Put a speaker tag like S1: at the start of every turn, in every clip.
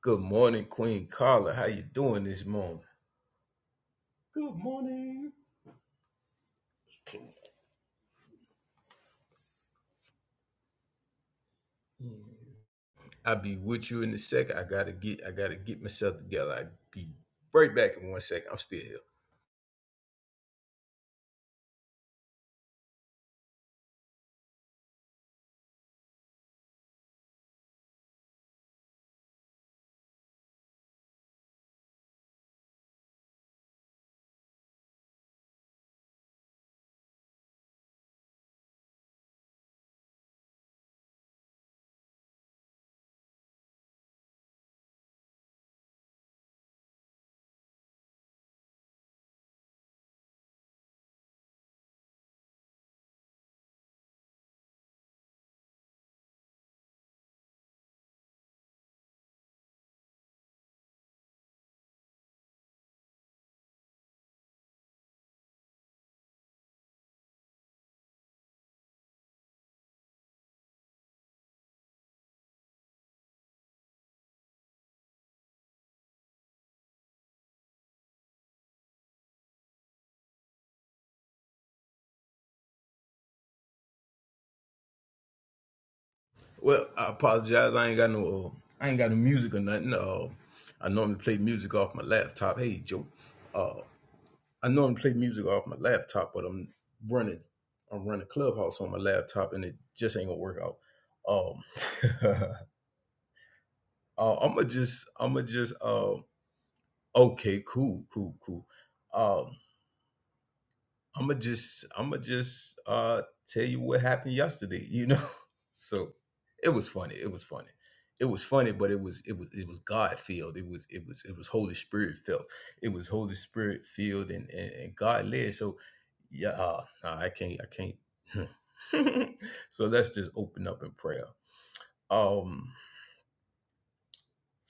S1: Good morning, Queen Carla. How you doing this morning? Good morning. I'll be with you in a second. I gotta get I gotta get myself together. I'll be right back in one second. I'm still here. Well, I apologize. I ain't got no uh, I ain't got no music or nothing. Uh, I normally play music off my laptop. Hey Joe. Uh, I normally play music off my laptop, but I'm running I'm running Clubhouse on my laptop and it just ain't gonna work out. Um uh, I'ma just I'ma just um Okay, cool, cool, cool. Um, I'ma just I'ma just uh tell you what happened yesterday, you know? So it was funny, it was funny. It was funny, but it was it was it was God filled. It was it was it was Holy Spirit filled. It was Holy Spirit filled and and, and God led. So yeah, uh, nah, I can't I can't so let's just open up in prayer. Um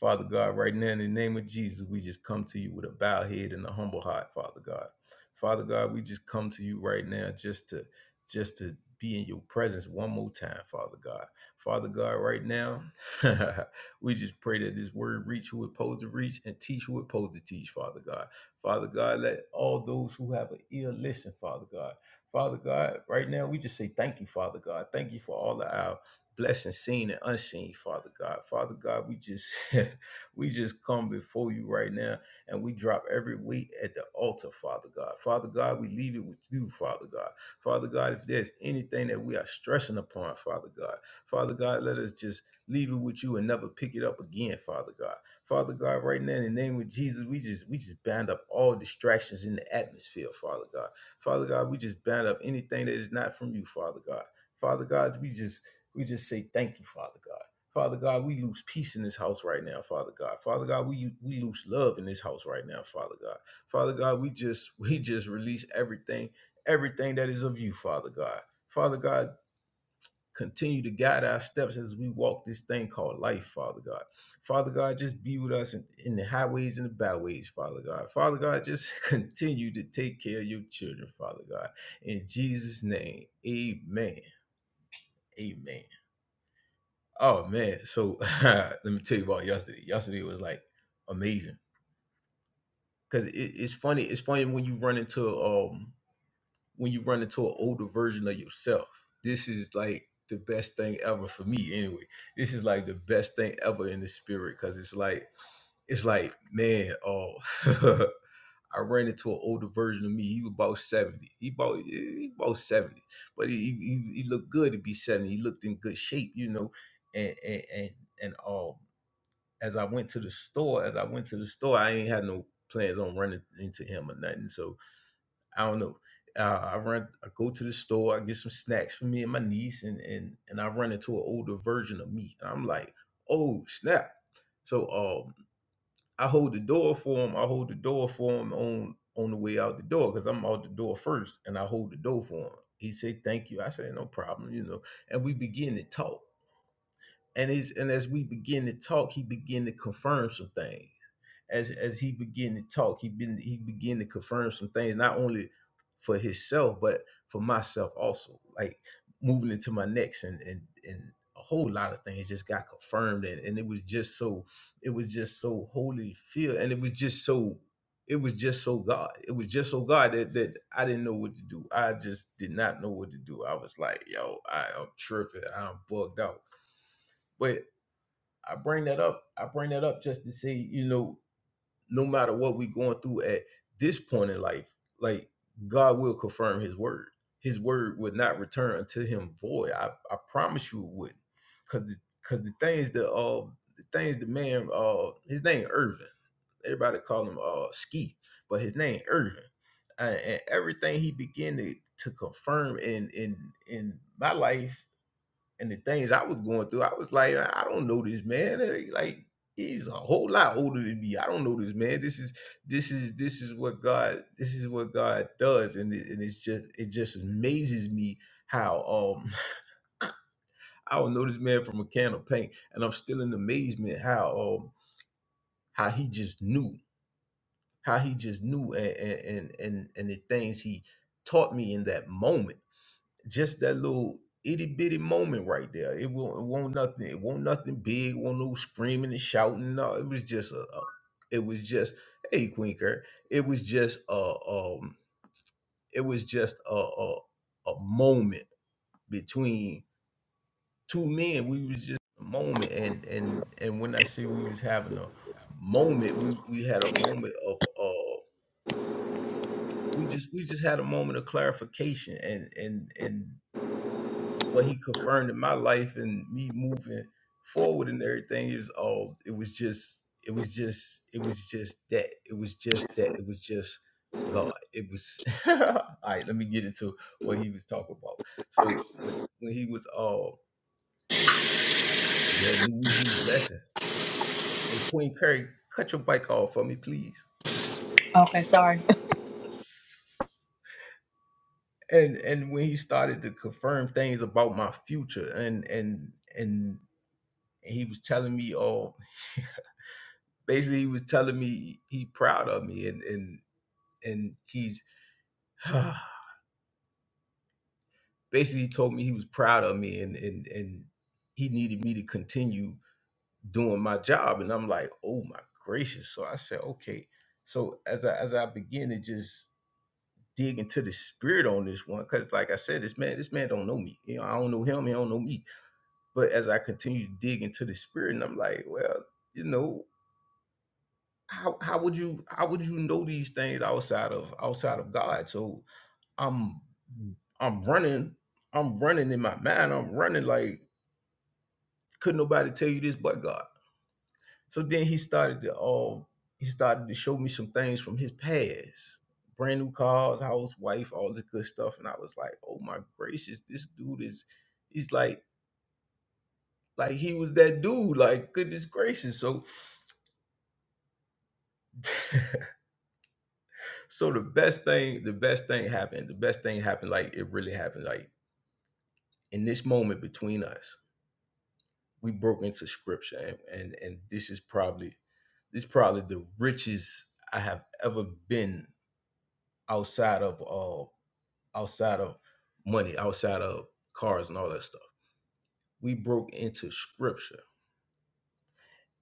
S1: Father God, right now in the name of Jesus, we just come to you with a bowed head and a humble heart, Father God. Father God, we just come to you right now just to just to be in your presence one more time, Father God. Father God, right now, we just pray that this word reach who it posed to reach and teach who it posed to teach, Father God. Father God, let all those who have an ear listen, Father God. Father God, right now, we just say thank you, Father God. Thank you for all of our blessing seen and unseen father god father god we just we just come before you right now and we drop every weight at the altar father god father god we leave it with you father god father god if there's anything that we are stressing upon father god father god let us just leave it with you and never pick it up again father god father god right now in the name of jesus we just we just bind up all distractions in the atmosphere father god father god we just bind up anything that is not from you father god Father God, we just we just say thank you, Father God. Father God, we lose peace in this house right now, Father God. Father God, we we lose love in this house right now, Father God. Father God, we just we just release everything, everything that is of you, Father God. Father God, continue to guide our steps as we walk this thing called life, Father God. Father God, just be with us in, in the highways and the byways, Father God. Father God, just continue to take care of your children, Father God. In Jesus' name, amen. Amen. Oh man, so let me tell you about yesterday. Yesterday was like amazing because it, it's funny. It's funny when you run into um when you run into an older version of yourself. This is like the best thing ever for me. Anyway, this is like the best thing ever in the spirit because it's like it's like man, oh, I ran into an older version of me. He was about seventy. He about he about seventy, but he, he he looked good to be seventy. He looked in good shape, you know, and and and and all as I went to the store, as I went to the store, I ain't had no plans on running into him or nothing. So I don't know. Uh, I run, I go to the store, I get some snacks for me and my niece, and and and I run into an older version of me. And I'm like, oh snap! So um, I hold the door for him. I hold the door for him on on the way out the door because I'm out the door first, and I hold the door for him. He said, "Thank you." I said, "No problem," you know. And we begin to talk, and he's and as we begin to talk, he begin to confirm some things as as he began to talk, he been he began to confirm some things, not only for himself, but for myself also. Like moving into my next and and and a whole lot of things just got confirmed and, and it was just so it was just so holy feel and it was just so it was just so God. It was just so God that, that I didn't know what to do. I just did not know what to do. I was like, yo, I, I'm tripping. I'm bugged out. But I bring that up. I bring that up just to say, you know, no matter what we going through at this point in life, like God will confirm his word. His word would not return unto him void. I, I promise you it would. not Cause the cause the things that uh the things the man uh his name Irvin. Everybody call him uh Ski, but his name Irvin. And, and everything he began to, to confirm in in in my life and the things I was going through, I was like, I don't know this man. Eh, Like he's a whole lot older than me. I don't know this man. This is this is this is what God this is what God does, and it, and it's just it just amazes me how um I don't know this man from a can of paint, and I'm still in amazement how um how he just knew how he just knew and and and and, and the things he taught me in that moment just that little itty bitty moment right there. It won't, it won't nothing. It won't nothing big. Won't no screaming and shouting. No, it was just a. a- it was just hey Quinker. It was just a. Um, it was just a, a a moment between two men. We was just a moment, and and and when I say we was having a moment, we we had a moment of uh. We just we just had a moment of clarification, and and and what he confirmed in my life and me moving forward and everything is all it was just it was just it was just that it was just that it was just god it was all right let me get into what he was talking about so when, when he was all yeah new week new blessings hey queen curry cut your bike off for me please
S2: Okay, sorry.
S1: and and when he started to confirm things about my future and and and he was telling me all basically he was telling me he proud of me and and and he's basically he told me he was proud of me and and and he needed me to continue doing my job and I'm like oh my gracious so I said okay so as I as I begin to just dig into the spirit on this one because like I said this man this man don't know me you know I don't know him he don't know me but as I continue to dig into the spirit and I'm like well you know how how would you how would you know these things outside of outside of God so I'm I'm running, I'm running in my mind, I'm running like could nobody tell you this but God. So then he started to um he started to show me some things from his past. Brand new cars, house, wife, all this good stuff. And I was like, oh my gracious, this dude is he's like like he was that dude, like goodness gracious. So so the best thing, the best thing happened. The best thing happened, like it really happened, like in this moment between us we broke into scripture and, and and this is probably this is probably the richest i have ever been outside of uh outside of money outside of cars and all that stuff we broke into scripture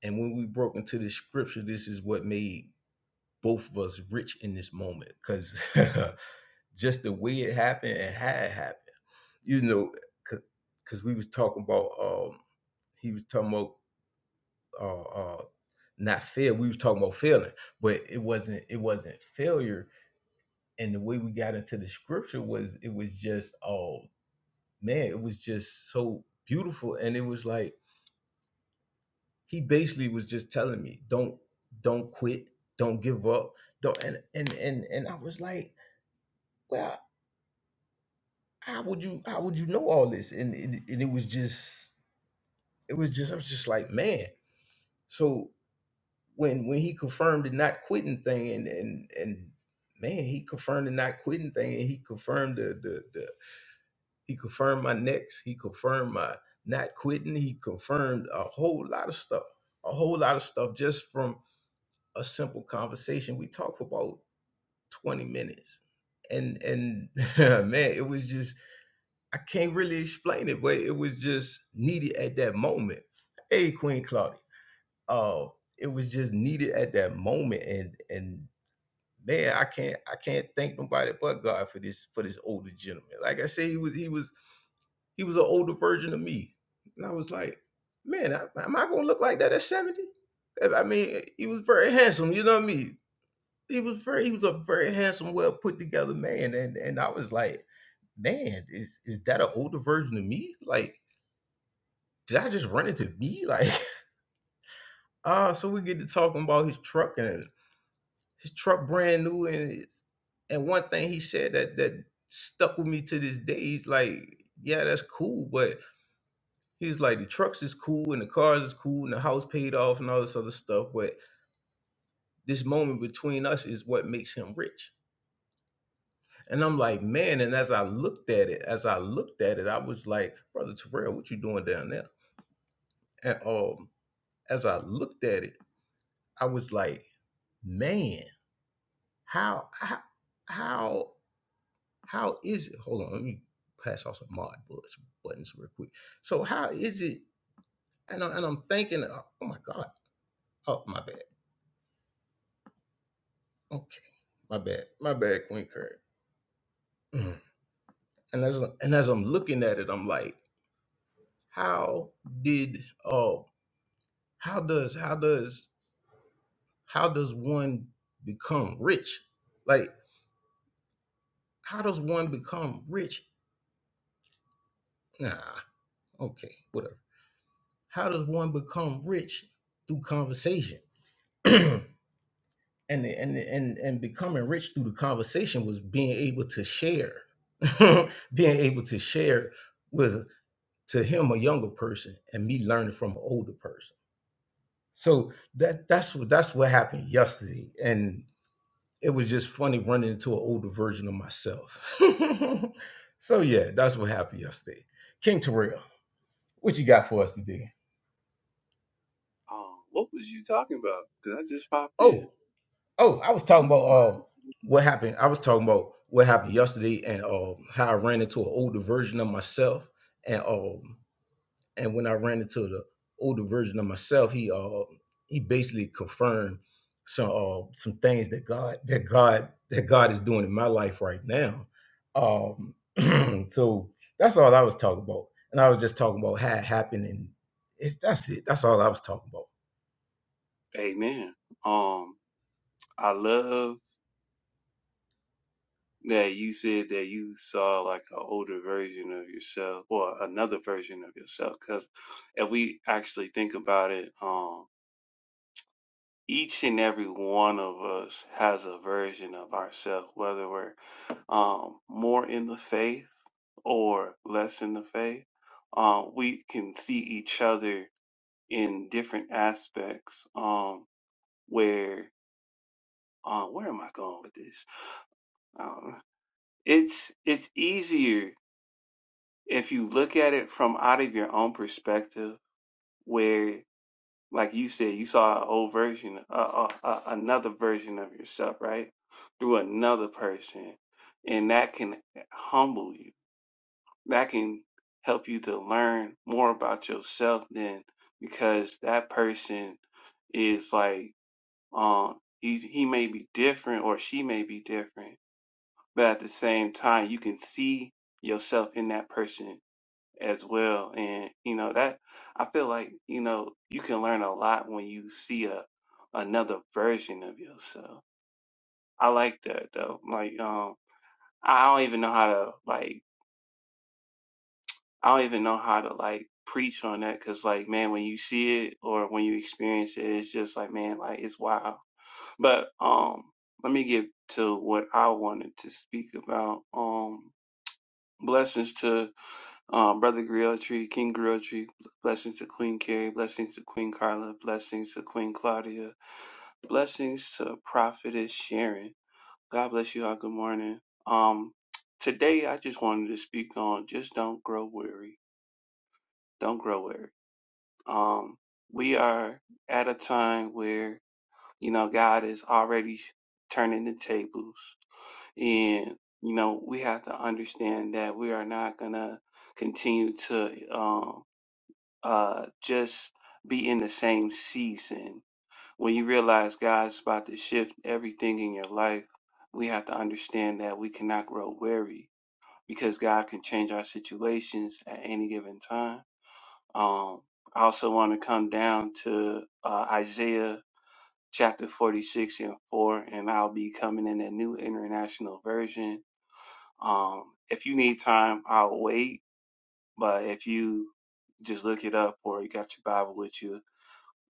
S1: and when we broke into the scripture this is what made both of us rich in this moment because just the way it happened and how it happened you know because we was talking about um he was talking about uh, uh not fail. We was talking about failing, but it wasn't it wasn't failure. And the way we got into the scripture was it was just oh man, it was just so beautiful. And it was like he basically was just telling me, don't don't quit, don't give up, don't and and and and I was like, well, how would you how would you know all this? And it, and it was just it was just I was just like man. So when when he confirmed the not quitting thing and and and man he confirmed the not quitting thing and he confirmed the the, the he confirmed my next he confirmed my not quitting he confirmed a whole lot of stuff a whole lot of stuff just from a simple conversation we talked for about 20 minutes and and man it was just i can't really explain it but it was just needed at that moment hey queen claudia uh it was just needed at that moment and and man, I can't I can't thank nobody but God for this for this older gentleman. Like I said, he was he was he was an older version of me, and I was like, man, I, am I gonna look like that at 70? I mean, he was very handsome. You know what I mean? He was very he was a very handsome, well put together man, and and I was like, man, is is that an older version of me? Like, did I just run into me? Like, ah, uh, so we get to talking about his truck, and His truck brand new, and and one thing he said that that stuck with me to this day. He's like, yeah, that's cool, but he's like, the trucks is cool, and the cars is cool, and the house paid off, and all this other stuff, but this moment between us is what makes him rich. And I'm like, man. And as I looked at it, as I looked at it, I was like, brother Terrell, what you doing down there? And um, as I looked at it, I was like, man, how, how how, How is it? Hold on, let me pass off some mod buttons real quick. So how is it? And, I, and I'm thinking, oh oh my God, oh my bad. Okay, my bad, my bad, Queen Curry. And as and as I'm looking at it, I'm like, how did oh how does how does how does one become rich? Like how does one become rich? Nah, okay, whatever. How does one become rich through conversation? and and and and becoming rich through the conversation was being able to share being able to share with to him a younger person and me learning from an older person so that that's what that's what happened yesterday and it was just funny running into an older version of myself so yeah that's what happened yesterday king terrell what you got for us today
S3: Um, what was you talking about? Because I just popped
S1: Oh.
S3: in.
S1: Oh, I was talking about uh, what happened. I was talking about what happened yesterday and uh, how I ran into an older version of myself. And um, and when I ran into the older version of myself, he uh, he basically confirmed some uh, some things that God that God that God is doing in my life right now. Um, so that's all I was talking about, and I was just talking about how it happened, and it, that's it. That's all I was talking about.
S3: Amen. Um, I love that you said that you saw like an older version of yourself or another version of yourself. Because if we actually think about it, um, each and every one of us has a version of ourselves, whether we're um, more in the faith or less in the faith. Uh, we can see each other in different aspects. Um, where uh, where am I going with this? Um, it's it's easier if you look at it from out of your own perspective, where like you said, you saw an old version, uh, uh, uh, another version of yourself, right, through another person, and that can humble you. That can help you to learn more about yourself than because that person is like um he's he may be different or she may be different but at the same time you can see yourself in that person as well and you know that i feel like you know you can learn a lot when you see a another version of yourself i like that though like um i don't even know how to like i don't even know how to like preach on that because like man when you see it or when you experience it it's just like man like it's wild but um let me get to what i wanted to speak about um blessings to. Um, Brother Griotri, King Griotri, blessings to Queen Carrie, blessings to Queen Carla, blessings to Queen Claudia, blessings to Prophetess Sharon. God bless you all. Good morning. Um, today I just wanted to speak on just don't grow weary. Don't grow weary. Um, we are at a time where, you know, God is already turning the tables and, you know, we have to understand that we are not going to continue to, um. uh, just be in the same season. When you realize God's about to shift everything in your life, we have to understand that we cannot grow weary because God can change our situations at any given time. Um, I also want to come down to uh, Isaiah chapter 46 and 4, and I'll be coming in a new international version. Um, if you need time, I'll wait, but if you just look it up or you got your Bible with you,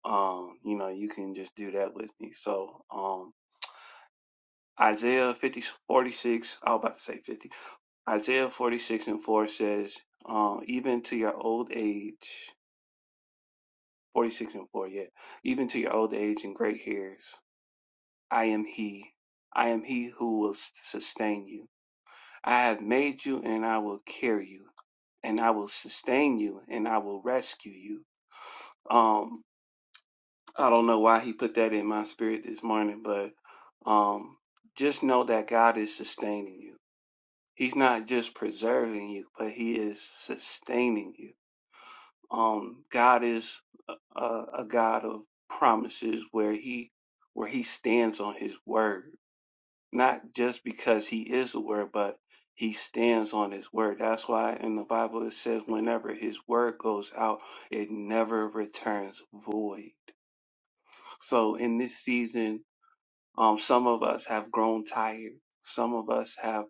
S3: um, you know, you can just do that with me. So, um, Isaiah 50 46, I was about to say 50. Isaiah 46 and 4 says, um, even to your old age, 46 and 4, yeah, even to your old age and great hairs, I am He. I am He who will s- sustain you. I have made you and I will carry you, and I will sustain you and I will rescue you. Um, I don't know why he put that in my spirit this morning, but um, just know that God is sustaining you. He's not just preserving you, but He is sustaining you. Um, God is a, a a God of promises, where He where He stands on His word, not just because He is the word, but He stands on His word. That's why in the Bible it says, whenever His word goes out, it never returns void. So in this season Um, some of us have grown tired. Some of us have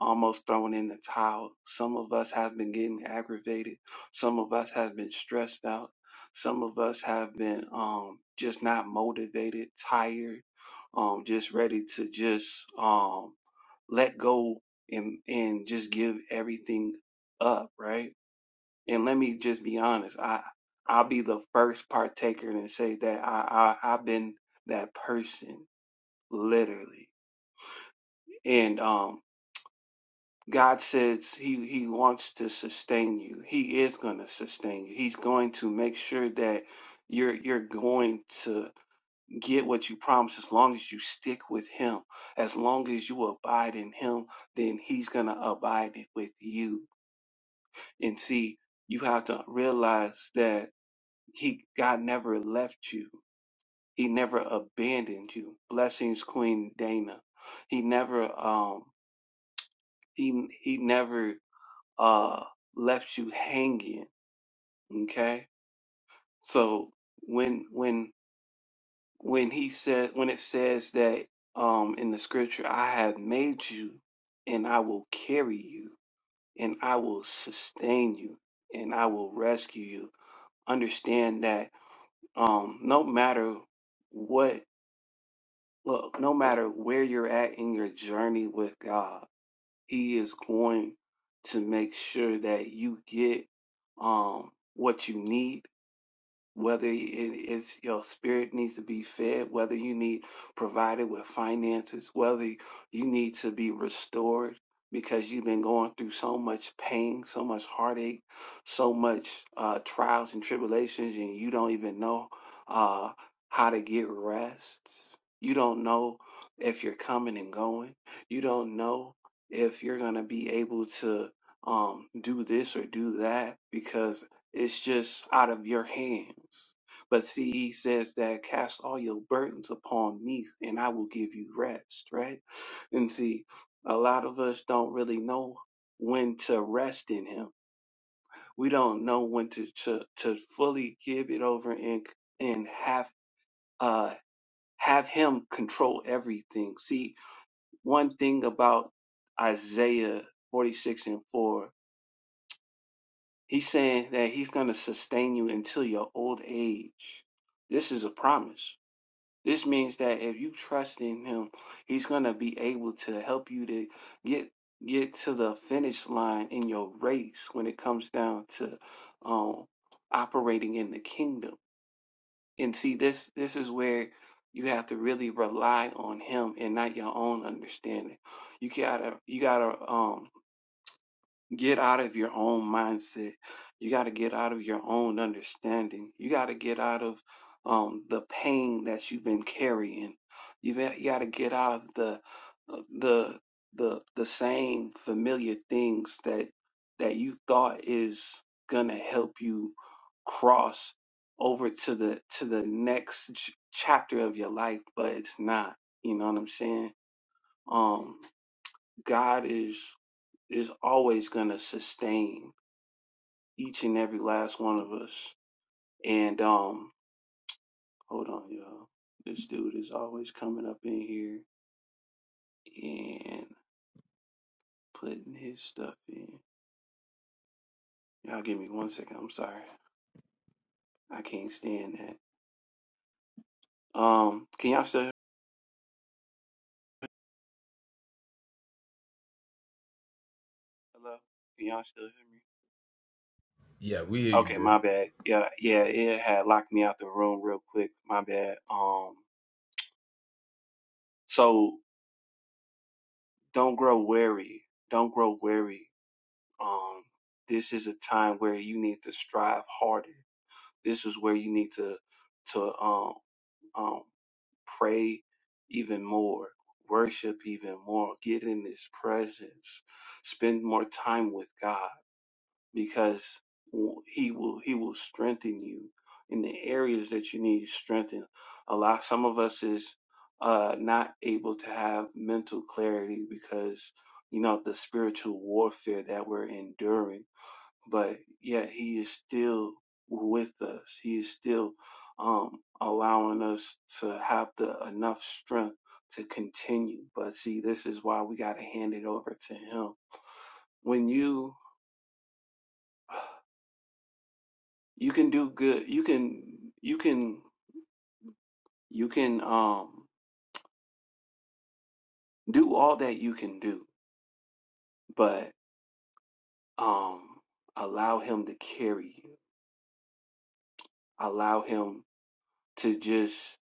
S3: almost thrown in the towel. Some of us have been getting aggravated. Some of us have been stressed out. Some of us have been um, just not motivated, tired, um, just ready to just um, let go and and just give everything up, right? And let me just be honest. I I'll be the first partaker and say that I, I I've been that person literally. And um, God says He He wants to sustain you. He is going to sustain you. He's going to make sure that you're you're going to get what you promised as long as you stick with Him. As long as you abide in Him, then He's going to abide with you. And see, you have to realize that He God never left you. He never abandoned you. Blessings, Queen Dana. He never um he he never uh left you hanging okay so when when when he said when it says that um in the scripture i have made you and i will carry you and i will sustain you and i will rescue you understand that um no matter what look no matter where you're at in your journey with god he is going to make sure that you get um what you need whether it is your spirit needs to be fed, whether you need provided with finances, whether you need to be restored because you've been going through so much pain, so much heartache, so much uh, trials and tribulations, and you don't even know uh, how to get rest. You don't know if you're coming and going. You don't know if you're going to be able to um, do this or do that because it's just out of your hands. But see, he says that cast all your burdens upon me and I will give you rest, right? And see, a lot of us don't really know when to rest in him. We don't know when to to, to fully give it over and and have uh have him control everything. See, one thing about Isaiah 46 and 4 He's saying that he's going to sustain you until your old age. This is a promise. This means that if you trust in him, he's going to be able to help you to get get to the finish line in your race when it comes down to um operating in the kingdom. And see this this is where you have to really rely on him and not your own understanding. You gotta you gotta um Get out of your own mindset. You got to get out of your own understanding. You got to get out of um, the pain that you've been carrying. You got, to get out of the uh, the the the same familiar things that that you thought is gonna help you cross over to the to the next ch- chapter of your life, but it's not. You know what I'm saying? Um, God is is always gonna sustain each and every last one of us. And um, hold on, y'all. This dude is always coming up in here and putting his stuff in. Y'all give me one second. I'm sorry. I can't stand that. Um, can y'all still hear me? Hello? Can y'all still hear me?
S1: Yeah, we hear you,
S3: Okay,
S1: bro.
S3: my bad. Yeah, yeah, it had locked me out the room real quick. My bad. Um, so don't grow weary. Don't grow weary. Um, this is a time where you need to strive harder This is where you need to to um um pray even more, worship even more, get in His presence, spend more time with God because w- He will He will strengthen you in the areas that you need strengthen. A lot some of us is uh not able to have mental clarity because you know the spiritual warfare that we're enduring but yet he is still with us. He is still um, allowing us to have the enough strength to continue. But see, this is why we got to hand it over to him. When you you can do good, you can you can you can um do all that you can do, but um allow him to carry you. Allow him to just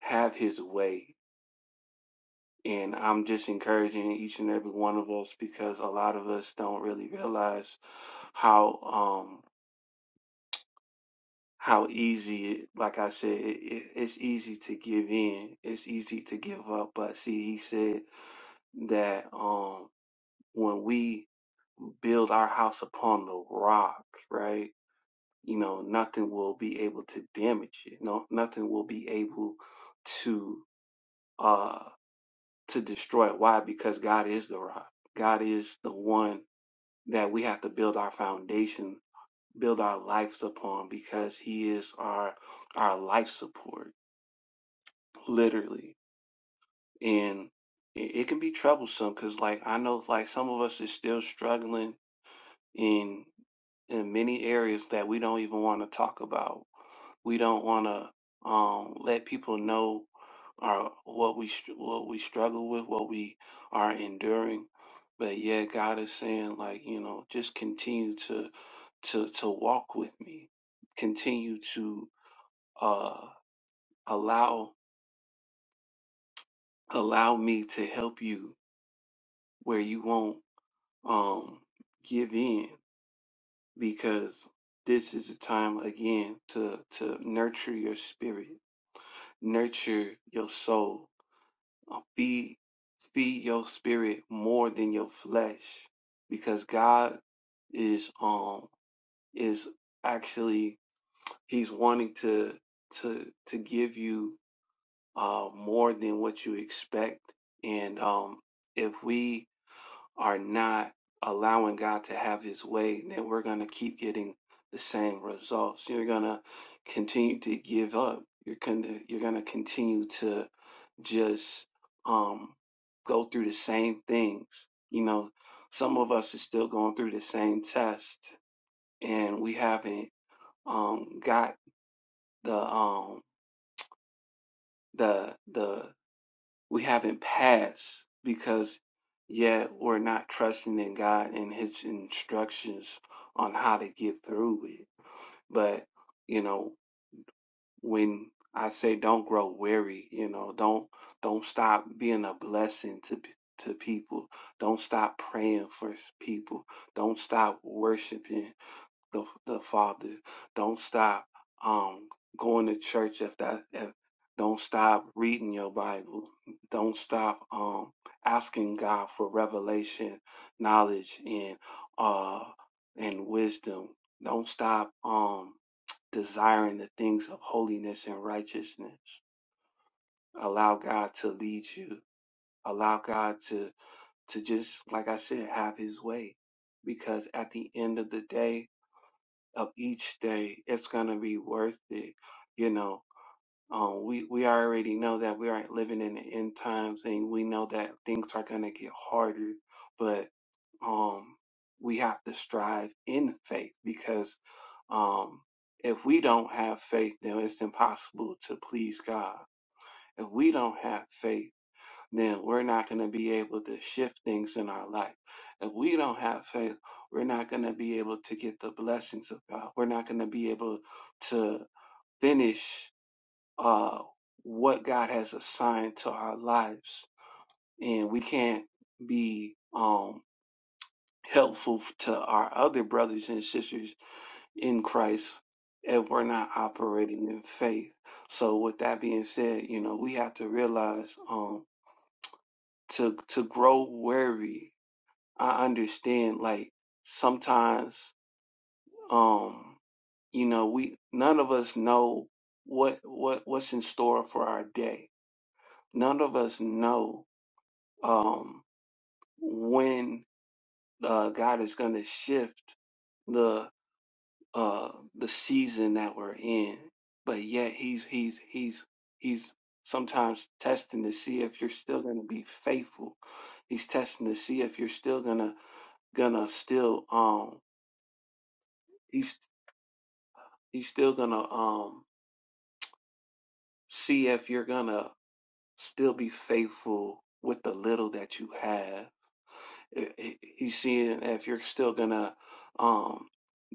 S3: have his way And I'm just encouraging each and every one of us because a lot of us don't really realize how um how easy it, like I said, it, it, it's easy to give in. It's easy to give up. But see, he said that um when we build our house upon the rock, right? You know, nothing will be able to damage it. No, nothing will be able to uh to destroy it. Why? Because God is the rock. God is the one that we have to build our foundation, build our lives upon because he is our our life support, literally. And it, can be troublesome because like I know like some of us is still struggling in in many areas that we don't even want to talk about We don't want to um, let people know our what we str- what we struggle with, what we are enduring. But yeah, God is saying like you know, just continue to to to walk with me, continue to uh, allow allow me to help you where you won't um, give in because this is a time again to to nurture your spirit, nurture your soul Uh, Feed, feed your spirit more than your flesh because God is, um, is actually, he's wanting to, to, to give you, uh, more than what you expect. And, um, if we, are not allowing God to have his way, then we're going to keep getting the same results. You're going to continue to give up. You're going to you're going to continue to just um go through the same things. You know, some of us are still going through the same test and we haven't um got the um the the we haven't passed because yet we're not trusting in God and His instructions on how to get through it. But you know, when I say don't grow weary, you know, don't don't stop being a blessing to to people. Don't stop praying for people. Don't stop worshiping the the Father. Don't stop um going to church if that if don't stop reading your Bible. Don't stop um asking God for revelation, knowledge and uh and wisdom. Don't stop um desiring the things of holiness and righteousness. Allow God to lead you. Allow God to to just like I said have his way because at the end of the day of each day, it's going to be worth it. You know, um, we, we already know that we aren't living in the end times and we know that things are going to get harder, but um, we have to strive in faith because um, if we don't have faith, then it's impossible to please God. If we don't have faith, then we're not going to be able to shift things in our life. If we don't have faith, we're not going to be able to get the blessings of God. We're not going to be able to finish uh, what God has assigned to our lives. And we can't be um, helpful to our other brothers and sisters in Christ if we're not operating in faith. So, with that being said, you know, we have to realize um, to, to grow weary. I understand like sometimes um you know we none of us know what what what's in store for our day. None of us know um when uh, God is going to shift the uh the season that we're in. But yet he's he's he's he's sometimes testing to see if you're still going to be faithful. He's testing to see if you're still going to gonna still um He's He's still gonna um see if you're gonna still be faithful with the little that you have. He's seeing if you're still gonna um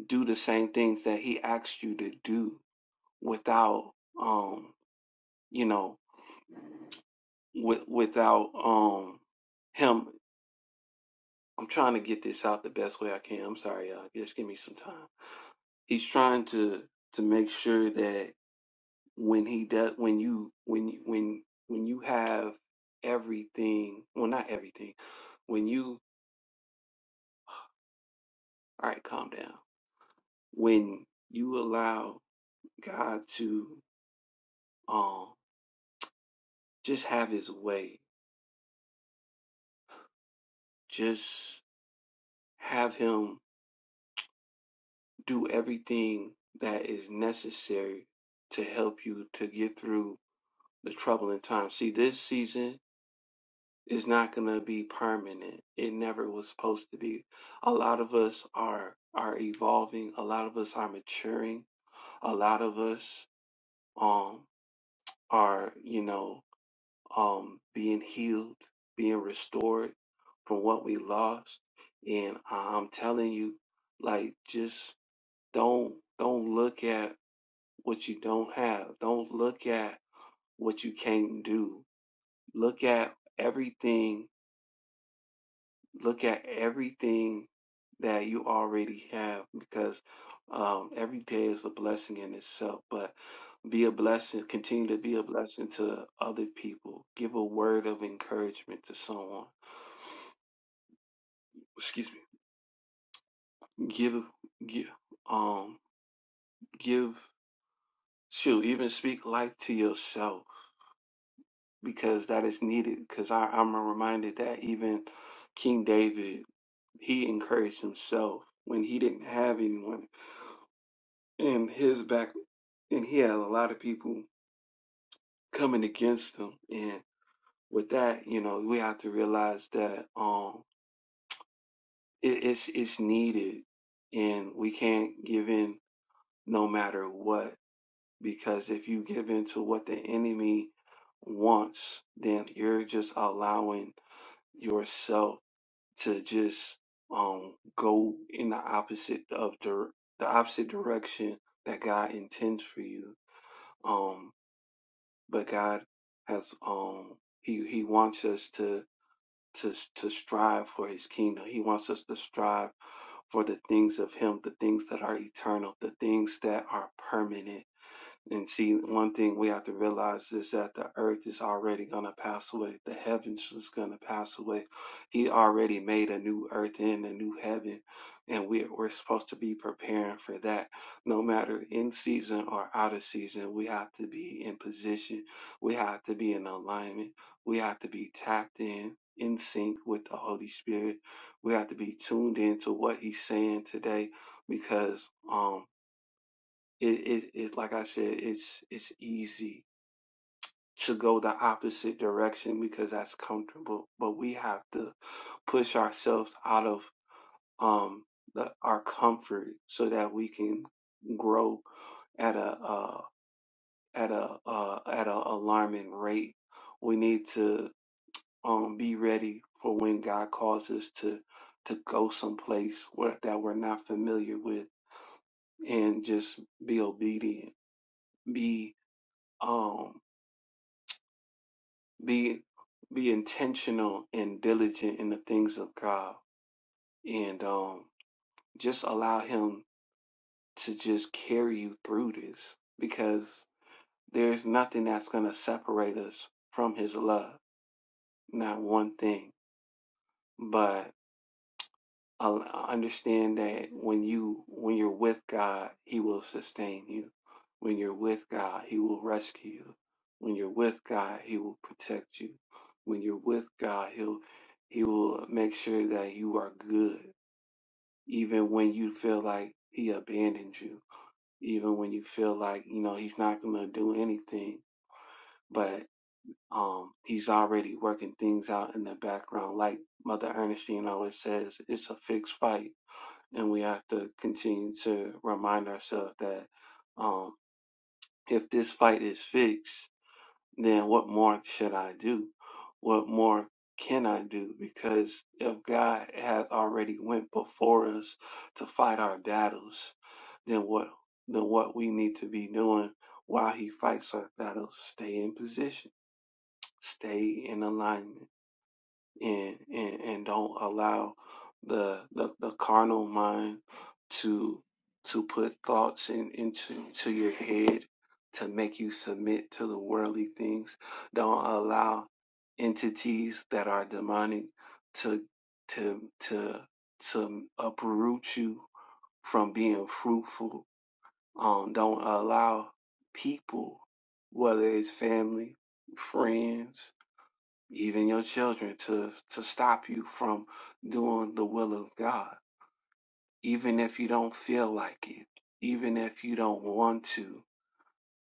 S3: do the same things that he asked you to do without um you know with without um him. I'm trying to get this out the best way I can. I'm sorry, y'all. Just give me some time. He's trying to to make sure that when he does when you when you when when you have everything well not everything when you all right calm down when you allow god to um just have his way just have him do everything that is necessary to help you to get through the troubling times see this season Is not going to be permanent. It never was supposed to be. A lot of us are are evolving. A lot of us are maturing. A lot of us um are you know um being healed, being restored from what we lost. And I'm telling you, like just don't don't look at what you don't have. Don't look at what you can't do. Look at everything look at everything that you already have because um, every day is a blessing in itself but be a blessing continue to be a blessing to other people give a word of encouragement to someone excuse me give give um give shoot even speak life to yourself because that is needed because i'm reminded that even king david he encouraged himself when he didn't have anyone and his back and he had a lot of people coming against him and with that you know we have to realize that um it, it's it's needed and we can't give in no matter what because if you give in to what the enemy wants then you're just allowing yourself to just um go in the opposite of the the opposite direction that God intends for you um. but God has um he he wants us to to to strive for his kingdom. He wants us to strive for the things of him, the things that are eternal, the things that are permanent. And see, one thing we have to realize is that the earth is already going to pass away. The heavens is going to pass away. He already made a new earth and a new heaven. And we're, we're supposed to be preparing for that. No matter in season or out of season, we have to be in position. We have to be in alignment. We have to be tapped in, in sync with the Holy Spirit. We have to be tuned in to what He's saying today because, um, it, it, it, like I said, it's, it's easy to go the opposite direction because that's comfortable, but we have to push ourselves out of, um, the, our comfort so that we can grow at a, uh, at a, uh, at a alarming rate. We need to, um, be ready for when God calls us to, to go someplace where, that we're not familiar with and just be obedient. Be, um. be be intentional and diligent in the things of God and um just allow him to just carry you through this because there's nothing that's going to separate us from his love not one thing but Uh, understand that when you when you're with God, He will sustain you. When you're with God, He will rescue you. When you're with God, He will protect you. When you're with God, He'll He will make sure that you are good, even when you feel like He abandoned you, even when you feel like you know He's not going to do anything, but um, he's already working things out in the background. Like Mother Ernestine always says, it's a fixed fight and we have to continue to remind ourselves that um, if this fight is fixed, then what more should I do? What more can I do? Because if God has already went before us to fight our battles, then what then what we need to be doing while He fights our battles? Stay in position, stay in alignment and and, and don't allow the, the the carnal mind to to put thoughts in into to your head to make you submit to the worldly things. Don't allow entities that are demonic to to to to uproot you from being fruitful. Um, don't allow people, whether it's family, friends, even your children to to stop you from doing the will of God even if you don't feel like it even if you don't want to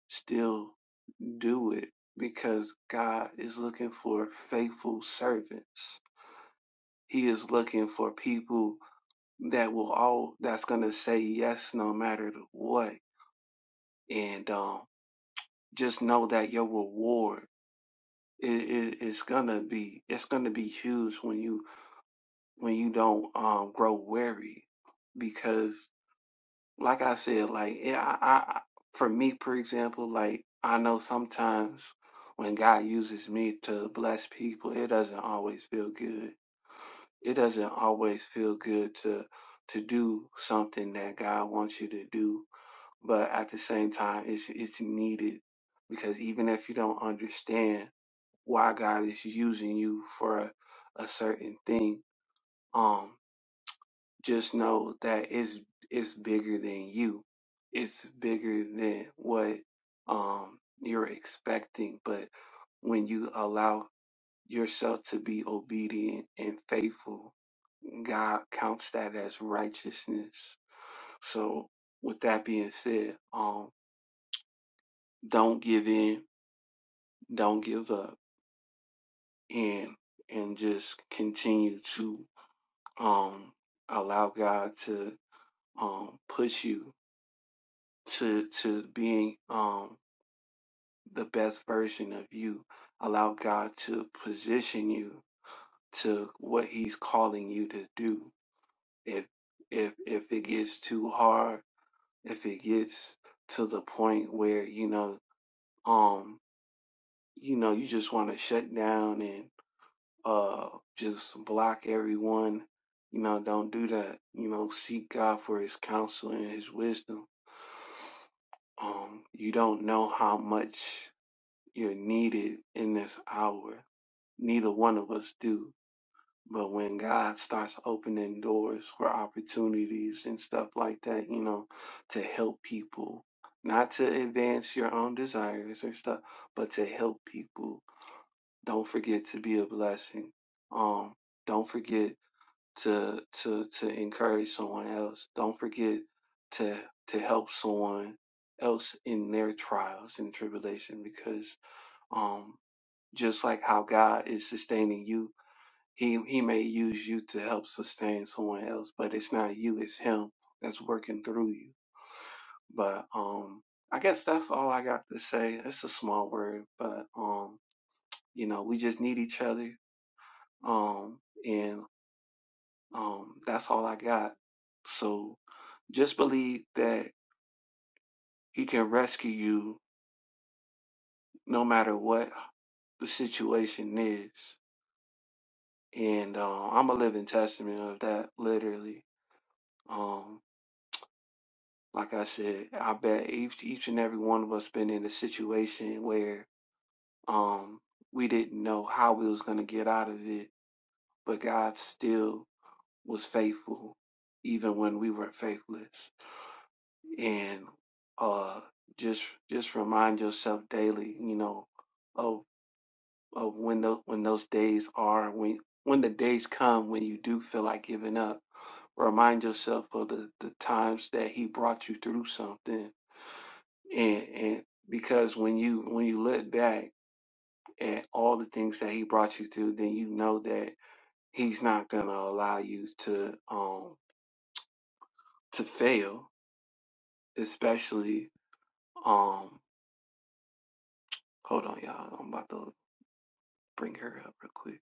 S3: still do it because God is looking for faithful servants he is looking for people that will all that's going to say yes no matter the what and um just know that your reward is, is, is gonna be it's gonna be huge when you when you don't um, grow wary, because like i said like yeah I, I for me for example like i know sometimes when god uses me to bless people it doesn't always feel good it doesn't always feel good to to do something that god wants you to do but at the same time it's it's needed because even if you don't understand why god is using you for a, a certain thing um just know that it's it's bigger than you. It's bigger than what um you're expecting. But when you allow yourself to be obedient and faithful, God counts that as righteousness. So with that being said, um don't give in, don't give up and and just continue to um allow God to um push you to to being um the best version of you allow god to position you to what he's calling you to do if if if it gets too hard if it gets to the point where you know um you know you just want to shut down and uh just block everyone you know don't do that you know seek god for his counsel and his wisdom um you don't know how much You're needed in this hour. Neither one of us do. But when God starts opening doors for opportunities and stuff like that, you know, to help people, not to advance your own desires or stuff, but to help people. Don't forget to be a blessing. Um, don't forget to to to encourage someone else. Don't forget to to help someone else in their trials and tribulation because um. Just like how God is sustaining you, He He may use you to help sustain someone else, but it's not you, it's Him that's working through you. But um, I guess that's all I got to say. It's a small word, but um, you know, we just need each other. Um, and um, that's all I got. So just believe that He can rescue you no matter what the situation is. And uh, I'm a living testament of that, literally. Um. Like I said, I bet each each and every one of us been in a situation where um we didn't know how we was gonna get out of it, but God still was faithful even when we were faithless. And uh just just remind yourself daily, you know, of of when those when those days are when when the days come when you do feel like giving up. Remind yourself of the, the times that he brought you through something and and because when you when you look back at all the things that he brought you through then you know that he's not going to allow you to um to fail especially um hold on y'all i'm about to bring her up real quick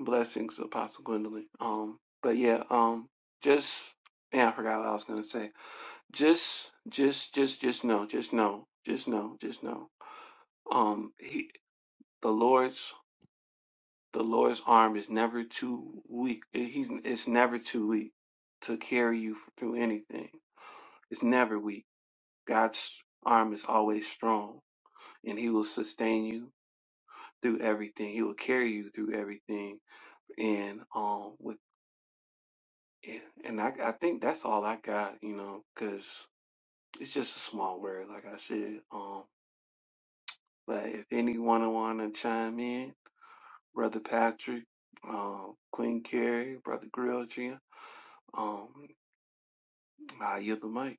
S3: blessings apostle gwendolyn um but yeah um just yeah i forgot what i was going to say just just just just know just know just know just know um he the lord's The Lord's arm is never too weak. Eh, He's it's never too weak to carry you through anything. It's never weak. God's arm is always strong, and He will sustain you through everything. He will carry you through everything. And um, with eh, and I I think that's all I got, you know, because it's just a small word, like I said. Um, but if anyone wanna chime in, Brother Patrick, um, Queen Carrie, Brother Grilltree, um. I yield the mic.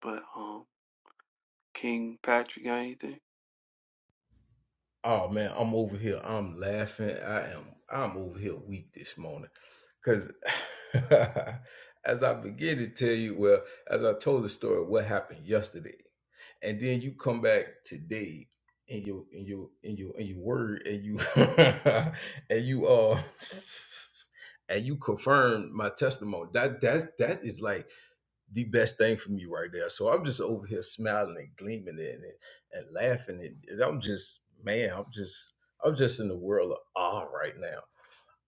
S3: But um, King Patrick, got anything?
S1: Oh man, I'm over here. I'm laughing. I am. I'm over here weak this morning, cause as I begin to tell you, well, as I told the story, of what happened yesterday, and then you come back today in your in your in your in your word, and you and you uh and you confirm my testimony. That that that is like the best thing for me right there. So I'm just over here smiling and gleaming it and, and laughing it. and I'm just man, I'm just I'm just in the world of awe right now.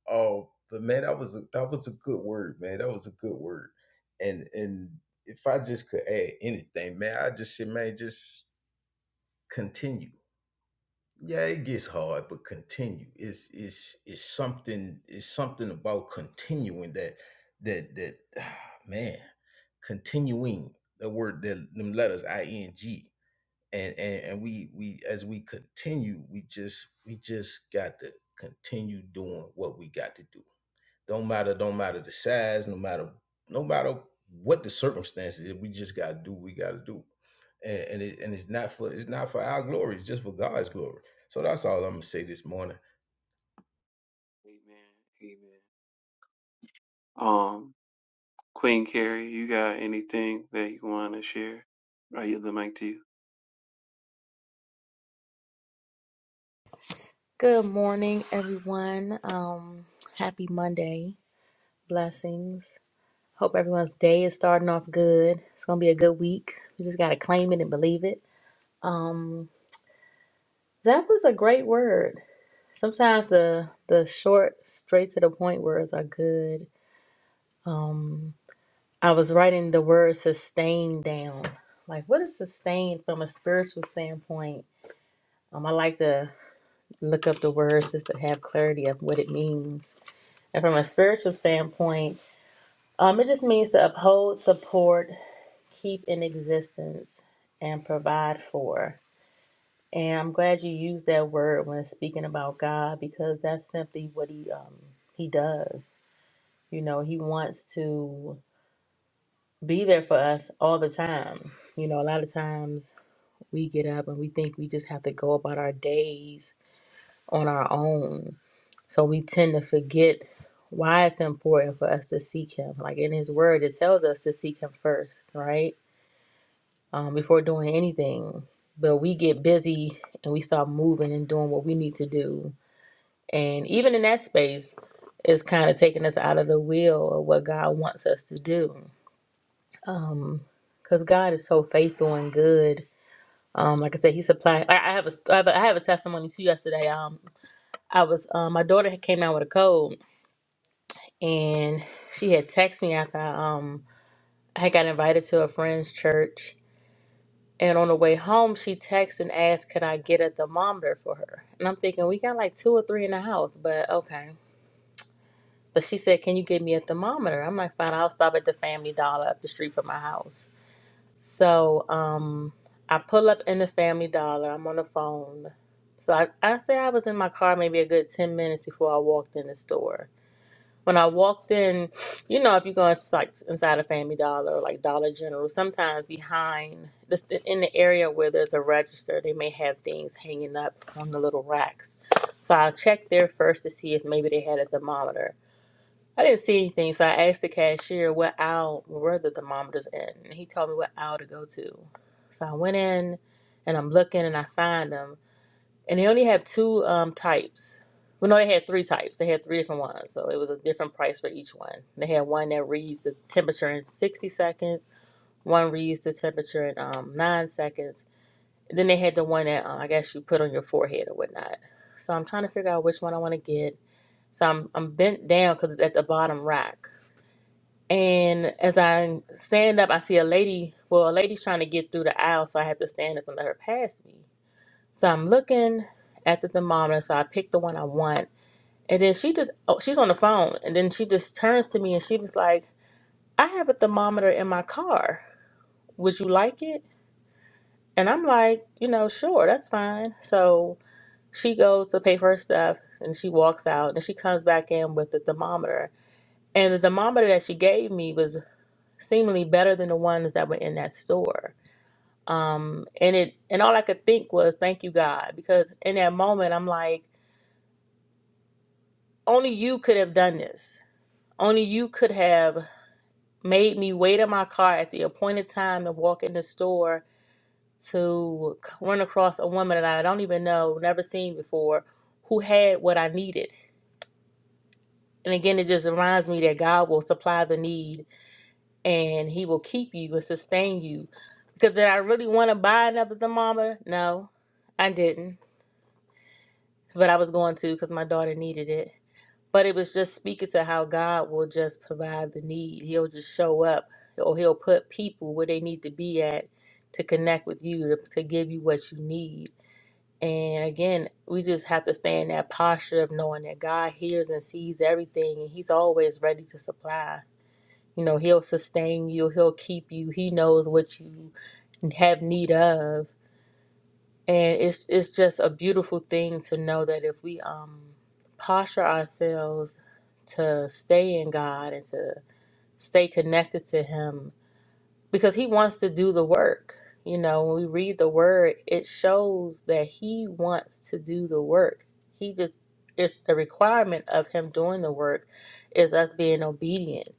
S1: Oh, but man, that was a, that was a good word, man. That was a good word. And and if I just could add anything, man, I just say, man, just continue yeah, it gets hard, but continue. It's it's it's something it's something about continuing that that that man, continuing the word that them letters I N G. And, and and we we as we continue, we just we just got to continue doing what we got to do. Don't matter, don't matter the size, no matter no matter what the circumstances, we just gotta do what we gotta do. And and, it, and it's not for it's not for our glory, it's just for God's glory. So that's all I'm gonna say this morning.
S3: Amen. Amen. Um, Queen Carrie, you got anything that you want to share? I yield the mic to you.
S2: Good morning, everyone. Um, happy Monday. Blessings. Hope everyone's day is starting off good. It's gonna be a good week. We just gotta claim it and believe it. Um, that was a great word. Sometimes the the short, straight to the point words are good. Um, I was writing the word sustain down. Like, what is sustain from a spiritual standpoint? Um, I like to look up the words just to have clarity of what it means And from a spiritual standpoint, um, it just means to uphold, support, keep in existence, and provide for. And I'm glad you used that word when speaking about God because that's simply what he um, he does. You know, he wants to be there for us all the time. You know, a lot of times we get up and we think we just have to go about our days on our own So we tend to forget why it's important for us to seek Him. Like in His Word, it tells us to seek Him first, right? Um, before doing anything. But we get busy and we start moving and doing what we need to do. And even in that space, it's kind of taking us out of the will of what God wants us to do. Because God is so faithful and good. Um, like I said, He supplied. I, I have a, I have a, I have a testimony too. Yesterday, um, I was, um, my daughter had came out with a cold, and she had texted me after I, um I had got invited to a friend's church. And on the way home, she texted and asked, "Could I get a thermometer for her?" And I'm thinking we got like two or three in the house, but okay. But she said, "Can you get me a thermometer?" I'm like, "Fine, I'll stop at the Family Dollar up the street from my house." So um, I pull up in the Family Dollar. I'm on the phone. So I, I say I was in my car maybe a good 10 minutes before I walked in the store. when I walked in, you know, if you go ins- like inside a Family Dollar or like Dollar General, sometimes behind this in the area where there's a register, they may have things hanging up on the little racks. So I checked there first to see if maybe they had a thermometer. I didn't see anything, so I asked the cashier what aisle were the thermometers in, and he told me what aisle to go to. So I went in, and I'm looking, and I find them and they only have two um types. Well, no, they had three types. They had three different ones, so it was a different price for each one. They had one that reads the temperature in sixty seconds. One reads the temperature in um nine seconds. And then they had the one that uh, I guess you put on your forehead or whatnot. So I'm trying to figure out which one I want to get. So I'm I'm bent down because it's at the bottom rack. And as I stand up, I see a lady. Well, a lady's trying to get through the aisle, so I have to stand up and let her pass me. So I'm looking at the thermometer. So I picked the one I want. And then she just, oh, she's on the phone. And then she just turns to me and she was like, I have a thermometer in my car. Would you like it? And I'm like, you know, sure, that's fine. So she goes to pay for her stuff and she walks out and she comes back in with the thermometer. And the thermometer that she gave me was seemingly better than the ones that were in that store. Um, and it and all I could think was, thank you, God, because in that moment I'm like, only you could have done this. Only you could have made me wait in my car at the appointed time to walk in the store to c- run across a woman that I don't even know, never seen before, who had what I needed. And again, it just reminds me that God will supply the need and He will keep you and sustain you. Because did I really want to buy another thermometer? No, I didn't. But I was going to because my daughter needed it. But it was just speaking to how God will just provide the need. He'll just show up, or He'll put people where they need to be at to connect with you, to, to give you what you need. And again, we just have to stay in that posture of knowing that God hears and sees everything, and He's always ready to supply. You know, He'll sustain you, He'll keep you, He knows what you have need of. And it's it's just a beautiful thing to know that if we um posture ourselves to stay in God and to stay connected to him because he wants to do the work. You know, when we read the word, it shows that he wants to do the work. He just it's the requirement of him doing the work is us being obedient,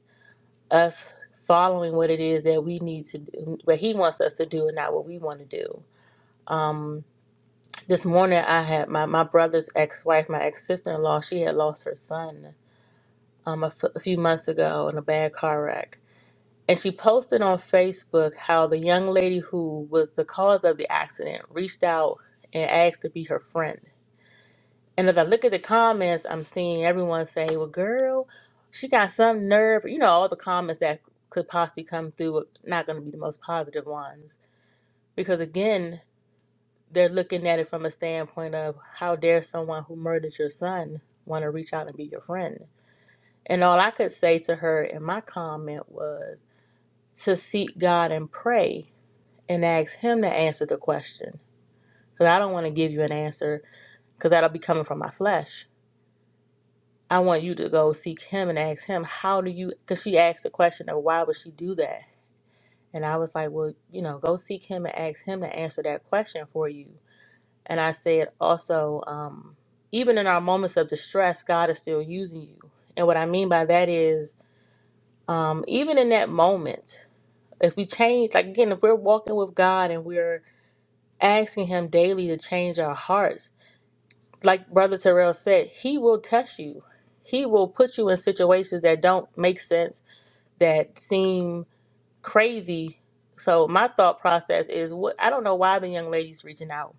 S2: us following what it is that we need to do, what he wants us to do and not what we want to do. Um, this morning, I had my, my brother's ex wife, my ex sister in law, she had lost her son um, a, f- a few months ago in a bad car wreck. And she posted on Facebook how the young lady who was the cause of the accident reached out and asked to be her friend. And as I look at the comments, I'm seeing everyone say, Well, girl, she got some nerve. You know, all the comments that could possibly come through are not going to be the most positive ones. Because again, they're looking at it from a standpoint of how dare someone who murdered your son want to reach out and be your friend. And all I could say to her in my comment was to seek God and pray and ask Him to answer the question. Because I don't want to give you an answer because that'll be coming from my flesh. I want you to go seek Him and ask Him, how do you, because she asked the question of why would she do that? And I was like, well, you know, go seek Him and ask Him to answer that question for you And I said also, um, even in our moments of distress, God is still using you. And what I mean by that is, um, even in that moment, if we change, like again, if we're walking with God and we're asking Him daily to change our hearts, like Brother Terrell said, He will test you. He will put you in situations that don't make sense, that seem crazy. So my thought process is, what I don't know why the young lady's reaching out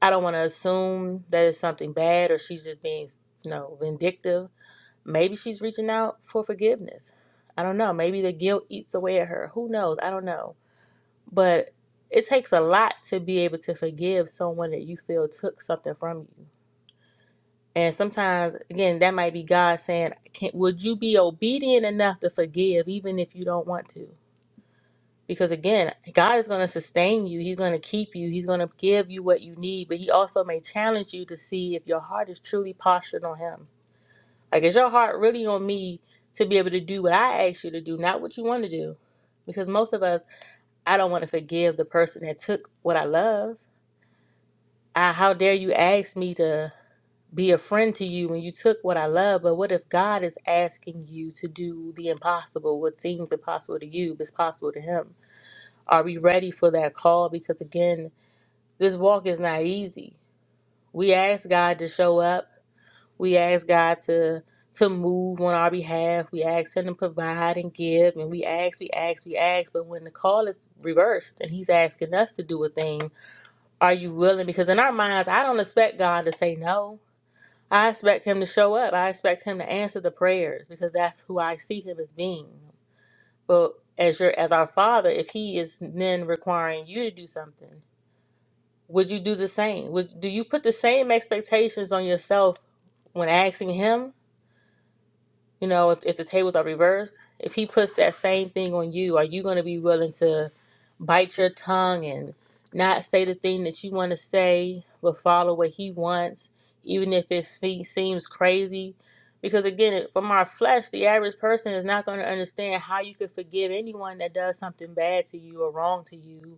S2: I don't want to assume that it's something bad or she's just being, you know, vindictive. Maybe she's reaching out for forgiveness. I don't know. Maybe the guilt eats away at her. Who knows? I don't know. But it takes a lot to be able to forgive someone that you feel took something from you. And sometimes, again, that might be God saying, Can, Would you be obedient enough to forgive even if you don't want to? Because again, God is going to sustain you. He's going to keep you. He's going to give you what you need, but He also may challenge you to see if your heart is truly postured on Him. Like, is your heart really on me to be able to do what I ask you to do, not what you want to do? Because most of us, I don't want to forgive the person that took what I love. I, how dare you ask me to be a friend to you when you took what I love? But what if God is asking you to do the impossible? What seems impossible to you is possible to Him? Are we ready for that call? Because again, this walk is not easy. We ask God to show up. We ask God to to move on our behalf. We ask Him to provide and give, and we ask, we ask, we ask. But when the call is reversed and He's asking us to do a thing, are you willing? Because in our minds, I don't expect God to say no. I expect Him to show up. I expect Him to answer the prayers because that's who I see Him as being. But as your as our Father, if He is then requiring you to do something Would you do the same? Would do you put the same expectations on yourself when asking him? You know, if, if the tables are reversed, if he puts that same thing on you, are you going to be willing to bite your tongue and not say the thing that you want to say, but follow what he wants, even if it fe- seems crazy? Because again, it- from our flesh, the average person is not going to understand how you could forgive anyone that does something bad to you or wrong to you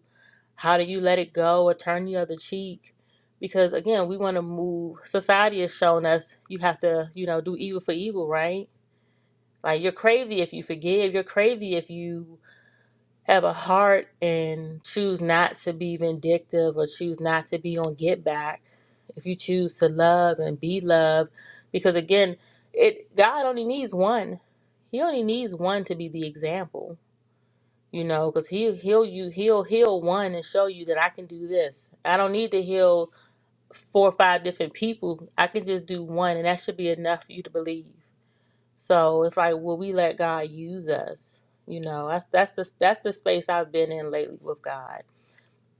S2: how do you let it go or turn the other cheek? Because again, we want to move. Society has shown us you have to, you know, do evil for evil, right? Like you're crazy if you forgive. You're crazy if you have a heart and choose not to be vindictive or choose not to be on get back. If you choose to love and be loved, because again, it God only needs one. He only needs one to be the example you know because he he'll you he'll heal one and show you that i can do this i don't need to heal four or five different people i can just do one and that should be enough for you to believe so it's like will we let god use us you know that's that's the that's the space i've been in lately with god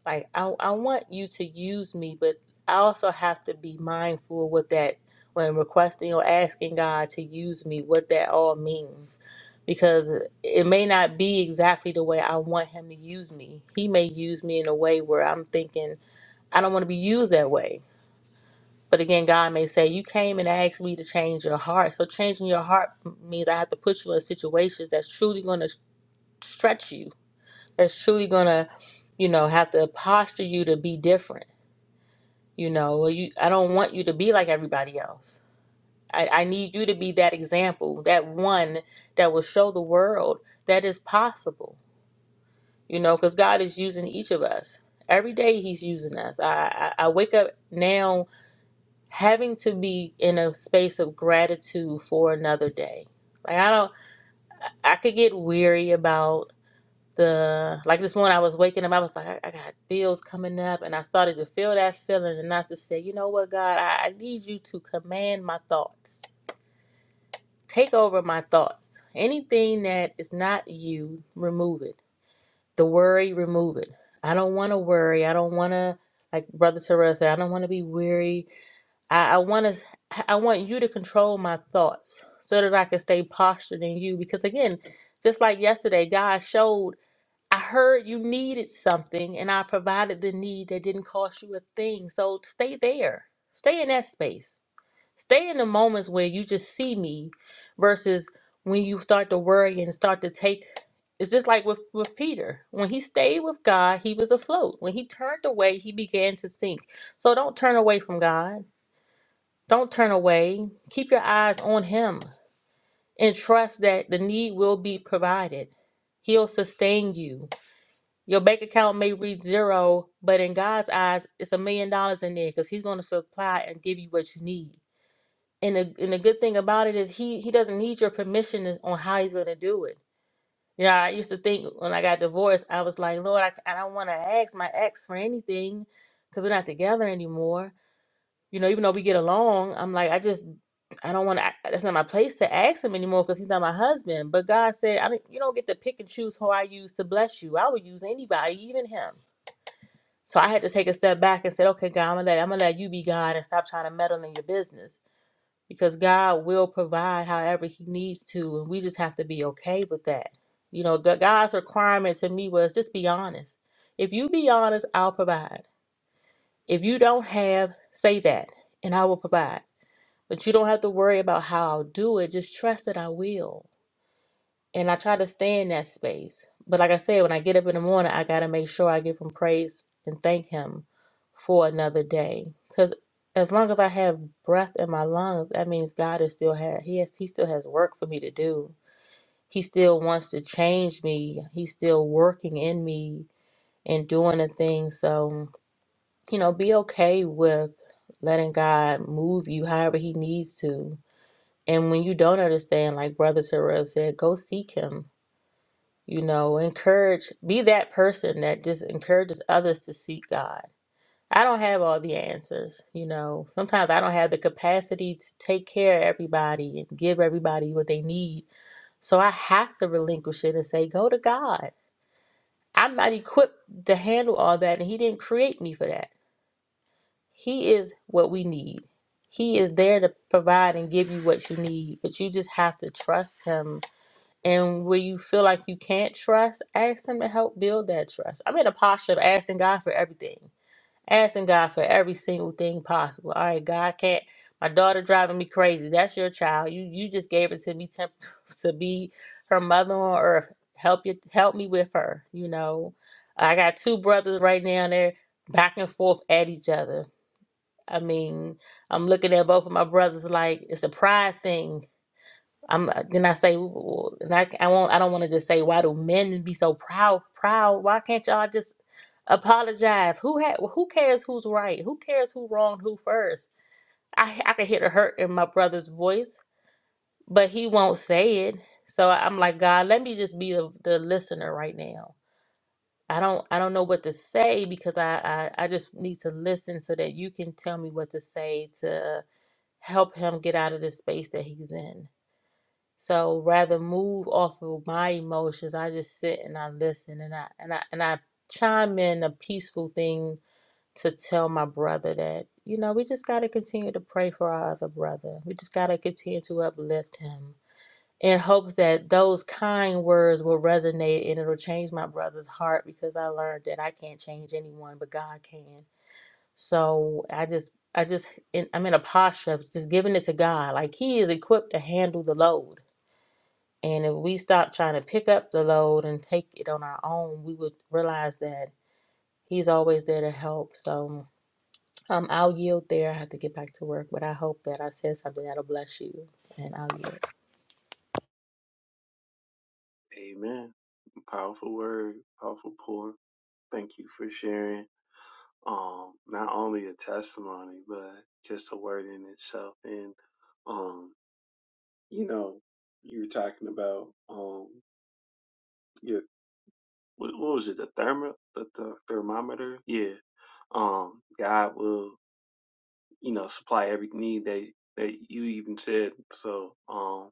S2: like I I want you to use me, but I also have to be mindful with that when requesting or asking God to use me, what that all means. Because it may not be exactly the way I want him to use me. He may use me in a way where I'm thinking, I don't want to be used that way. But again, God may say, You came and asked me to change your heart. So changing your heart means I have to put you in situations that's truly going to stretch you, that's truly going to, you know, have to posture you to be different You know, Well, you, I don't want you to be like everybody else. I, I need you to be that example, that one that will show the world that is possible. You know, because God is using each of us. Every day He's using us. I, I, I wake up now having to be in a space of gratitude for another day. Like, I don't, I could get weary about the like this morning I was waking up, I was like, I, I got bills coming up, and I started to feel that feeling, and I just said, you know what, God, I, I need you to command my thoughts, take over my thoughts. Anything that is not you, remove it. The worry, remove it. I don't want to worry. I don't want to, like Brother Terrell said, I don't want to be weary. I, I want to, I want you to control my thoughts so that I can stay postured in you. Because again, just like yesterday, God showed. I heard you needed something and I provided the need that didn't cost you a thing. So stay there. Stay in that space. Stay in the moments where you just see me versus when you start to worry and start to take it's just like with, with Peter. When he stayed with God, he was afloat. When he turned away, he began to sink. So don't turn away from God. Don't turn away. Keep your eyes on him and trust that the need will be provided. He'll sustain you. Your bank account may reach zero, but in God's eyes, it's a million dollars in there because He's going to supply and give you what you need. And the, and the good thing about it is He He doesn't need your permission is- on how He's going to do it. Yeah, I used to think when I got divorced, I was like, Lord, I, I don't want to ask my ex for anything because we're not together anymore. You know, even though we get along, I'm like, I just I don't want to. That's not my place to ask him anymore because he's not my husband. But God said, I don't. You don't get to pick and choose who I use to bless you. I would use anybody, even him. So I had to take a step back and said, okay, God, I'm gonna let I'm gonna let you be God and stop trying to meddle in your business because God will provide however He needs to, and we just have to be okay with that. You know, G- God's requirement to me was just be honest. If you be honest, I'll provide. If you don't have, say that, and I will provide. But you don't have to worry about how I'll do it. Just trust that I will and I try to stay in that space. But like I said, when I get up in the morning, I got to make sure I give him praise and thank him for another day. Because as long as I have breath in my lungs, that means God is still had he has he still has work for me to do. He still wants to change me. He's still working in me and doing the things. So, you know, be okay with letting God move you however he needs to. And when you don't understand, like Brother Terrell said, go seek him you know, encourage, be that person that just encourages others to seek God. I don't have all the answers. You know, sometimes I don't have the capacity to take care of everybody and give everybody what they need. So I have to relinquish it and say, go to God. I'm not equipped to handle all that, and He didn't create me for that. He is what we need. He is there to provide and give you what you need, but you just have to trust Him and where you feel like you can't trust, ask Him to help build that trust. I'm in a posture of asking God for everything, asking God for every single thing possible. All right, God can't. My daughter driving me crazy. That's your child. You you just gave it to me temp- to be her mother on earth. Help you help me with her. You know, I got two brothers right now. They're back and forth at each other. I mean, I'm looking at both of my brothers like it's a pride thing I'm uh, then I say, w- and I, I won't. I don't want to just say, why do men be so proud? Proud? Why can't y'all just apologize? Who had? Who cares who's right? Who cares who wronged who first? I I could hear the hurt in my brother's voice, but he won't say it. So I'm like, God, let me just be the, the listener right now. I don't I don't know what to say because I, I I just need to listen so that you can tell me what to say to help him get out of the space that he's in. So rather move off of my emotions, I just sit and I listen and I and I and I chime in a peaceful thing to tell my brother that, you know, we just gotta continue to pray for our other brother. We just gotta continue to uplift him in hopes that those kind words will resonate and it'll change my brother's heart because I learned that I can't change anyone but God can. So I just I just in, I'm in a posture of just giving it to God. Like he is equipped to handle the load and if we stop trying to pick up the load and take it on our own, we would realize that He's always there to help. So um, I'll yield there. I have to get back to work, but I hope that I said something that'll bless you. And I'll yield.
S3: Amen. Powerful word, powerful pour. Thank you for sharing. Um, not only a testimony, but just a word in itself. And um, you know, you were talking about um, your what, what was it? The thermo, the, the thermometer. Yeah. Um, God will. you know, supply every need that that you even said. So, um,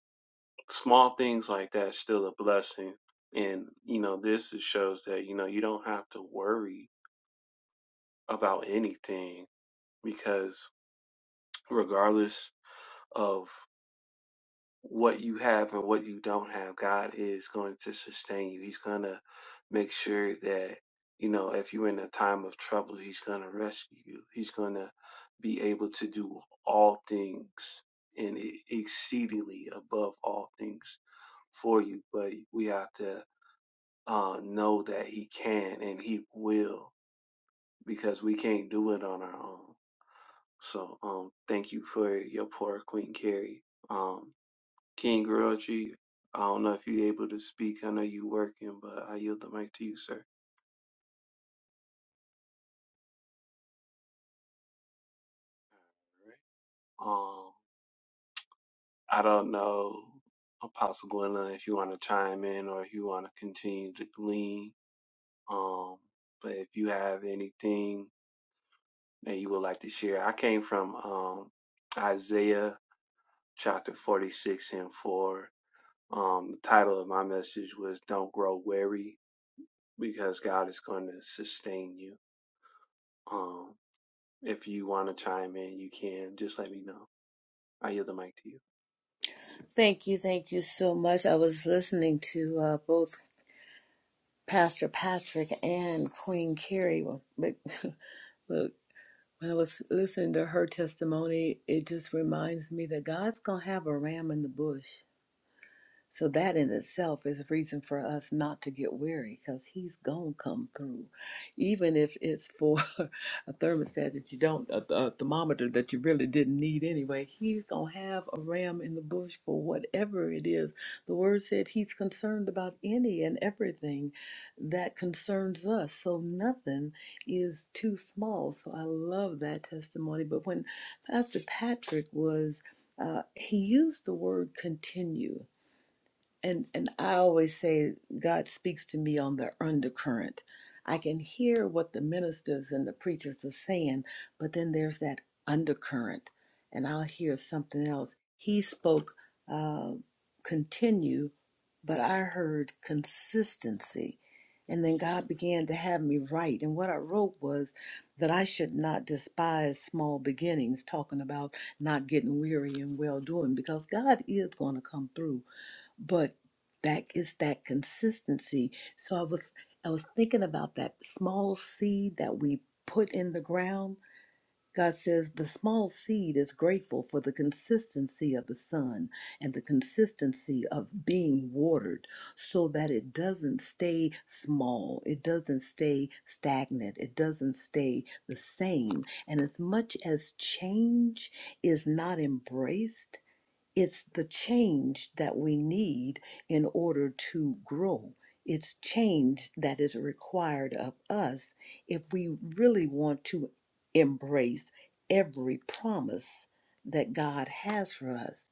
S3: small things like that is still a blessing. And you know, this is- shows that you know you don't have to worry about anything because regardless of. what you have and what you don't have, God is going to sustain you. He's going to make sure that, you know, if you're in a time of trouble, He's going to rescue you. He's going to be able to do all things and e- exceedingly above all things for you. But we have to uh, know that He can and He will because we can't do it on our own. So, um, thank you for your poor Queen Carrie. Um, King Griotri, I don't know if you're able to speak. I know you're working, but I yield the mic to you, sir. Um, I don't know, Apostle Gwendolyn, if you want to chime in or if you want to continue to glean. Um, but if you have anything that you would like to share, I came from um, Isaiah chapter 46 and 4. Um, the title of my message was Don't Grow Weary because God is going to sustain you. Um. If you want to chime in, you can. Just let me know. I yield the mic to you.
S4: Thank you, thank you so much. I was listening to uh, both Pastor Patrick and Queen Carrie. Well, but- Look, when I was listening to her testimony, it just reminds me that God's going to have a ram in the bush. So that in itself is a reason for us not to get weary because he's gonna come through, even if it's for a thermostat that you don't, a, th- a thermometer that you really didn't need anyway. He's gonna have a ram in the bush for whatever it is. The word said he's concerned about any and everything that concerns us. So nothing is too small. So I love that testimony. But when Pastor Patrick was, uh, he used the word continue and and I always say God speaks to me on the undercurrent. I can hear what the ministers and the preachers are saying, but then there's that undercurrent, and I'll hear something else. He spoke uh, continue, but I heard consistency, and then God began to have me write. And what I wrote was that I should not despise small beginnings, talking about not getting weary and well doing, because God is going to come through but that is that consistency so i was i was thinking about that small seed that we put in the ground god says the small seed is grateful for the consistency of the sun and the consistency of being watered so that it doesn't stay small it doesn't stay stagnant it doesn't stay the same and as much as change is not embraced it's the change that we need in order to grow. It's change that is required of us if we really want to embrace every promise that God has for us.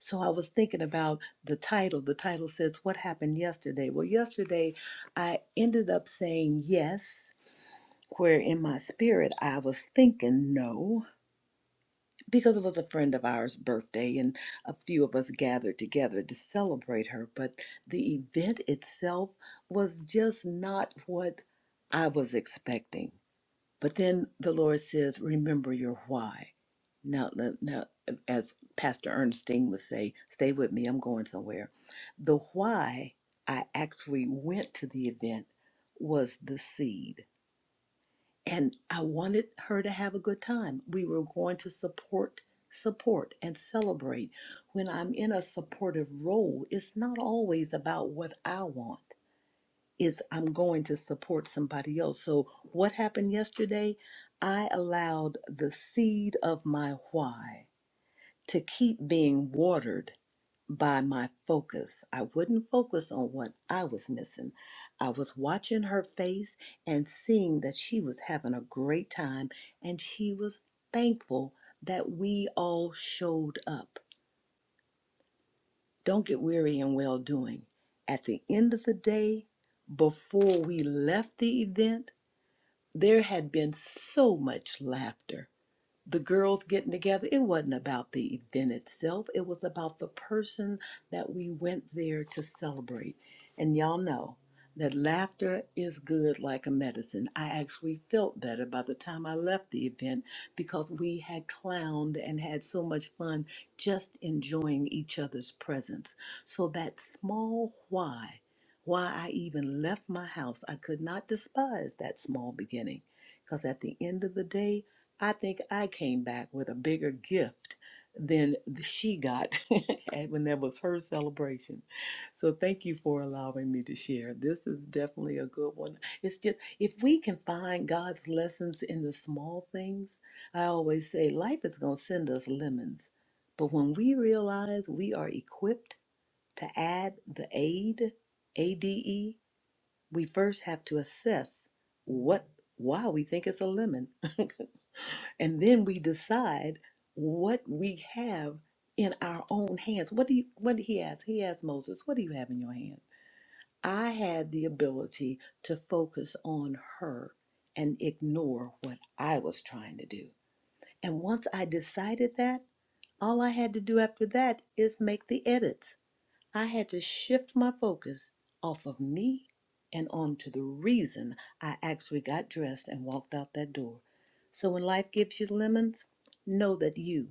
S4: So I was thinking about the title. The title says, What Happened Yesterday? Well, yesterday I ended up saying yes, where in my spirit I was thinking no because it was a friend of ours' birthday and a few of us gathered together to celebrate her, but the event itself was just not what I was expecting. But then the Lord says, Remember your why. Now, now as Pastor Ernestine would say, Stay with me, I'm going somewhere. The why I actually went to the event was the seed and I wanted her to have a good time. We were going to support, support, and celebrate. When I'm in a supportive role, it's not always about what I want. It's I'm going to support somebody else. So what happened yesterday? I allowed the seed of my why to keep being watered by my focus. I wouldn't focus on what I was missing. I was watching her face and seeing that she was having a great time and she was thankful that we all showed up. Don't get weary in well doing. At the end of the day, before we left the event, there had been so much laughter the girls getting together, it wasn't about the event itself. It was about the person that we went there to celebrate. And y'all know that laughter is good like a medicine. I actually felt better by the time I left the event because we had clowned and had so much fun just enjoying each other's presence. So that small why, why I even left my house, I could not despise that small beginning because at the end of the day, I think I came back with a bigger gift than she got and when that was her celebration. So thank you for allowing me to share. This is definitely a good one. It's just if we can find God's lessons in the small things, I always say life is going to send us lemons. But when we realize we are equipped to add the aid, ADE, we first have to assess what why we think it's a lemon and then we decide what we have in our own hands. What do you what did he ask? He asked Moses, what do you have in your hand? I had the ability to focus on her and ignore what I was trying to do. And once I decided that, all I had to do after that is make the edits I had to shift my focus off of me and onto the reason I actually got dressed and walked out that door. So when life gives you lemons, know that you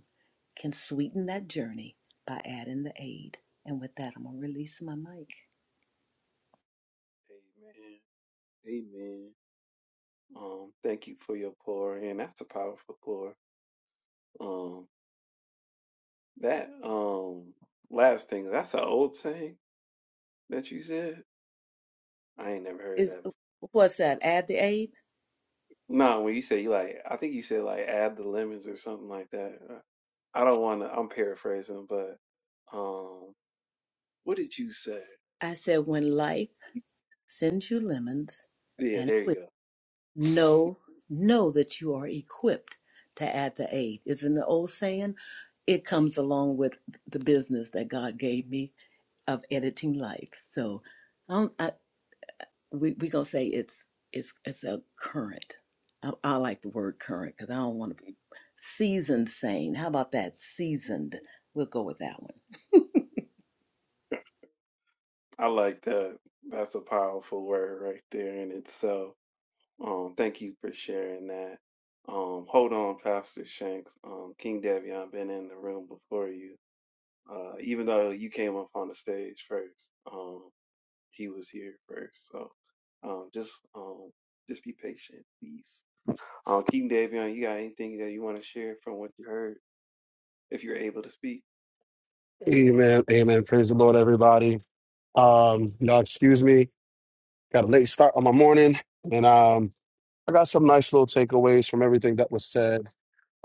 S4: can sweeten that journey by adding the aid. And with that, I'm gonna release my mic.
S3: Amen. Amen. Um, thank you for your pour, and that's a powerful pour. Um, that um last thing, that's an old saying that you said. I ain't never heard
S4: Is
S3: that.
S4: what's that? Add the aid?
S3: No, when you say you like, I think you said like add the lemons or something like that. Uh, I don't want to. I'm paraphrasing, but um, what did you say?
S4: I said when life sends you lemons,
S3: Yeah,
S4: and it
S3: there
S4: will.
S3: you go.
S4: know know that you are equipped to add the aid isn't the old saying it comes along with the business that god gave me of editing life so i'm I, we, we gonna say it's it's it's a current i, I like the word current because i don't want to be seasoned sane how about that seasoned we'll go with that one
S3: I like that. That's a powerful word right there in itself. Um, thank you for sharing that. Um, hold on, Pastor Shanks. Um, King Davion been in the room before you. Uh, even though you came up on the stage first, um, he was here first. So, um, just um, just be patient, please. Um, King Davion, you got anything that you want to share from what you heard, if you're able to speak?
S5: Amen. Amen. Praise the Lord, everybody. Um, y'all excuse me. Got a late start on my morning. And um, I got some nice little takeaways from everything that was said.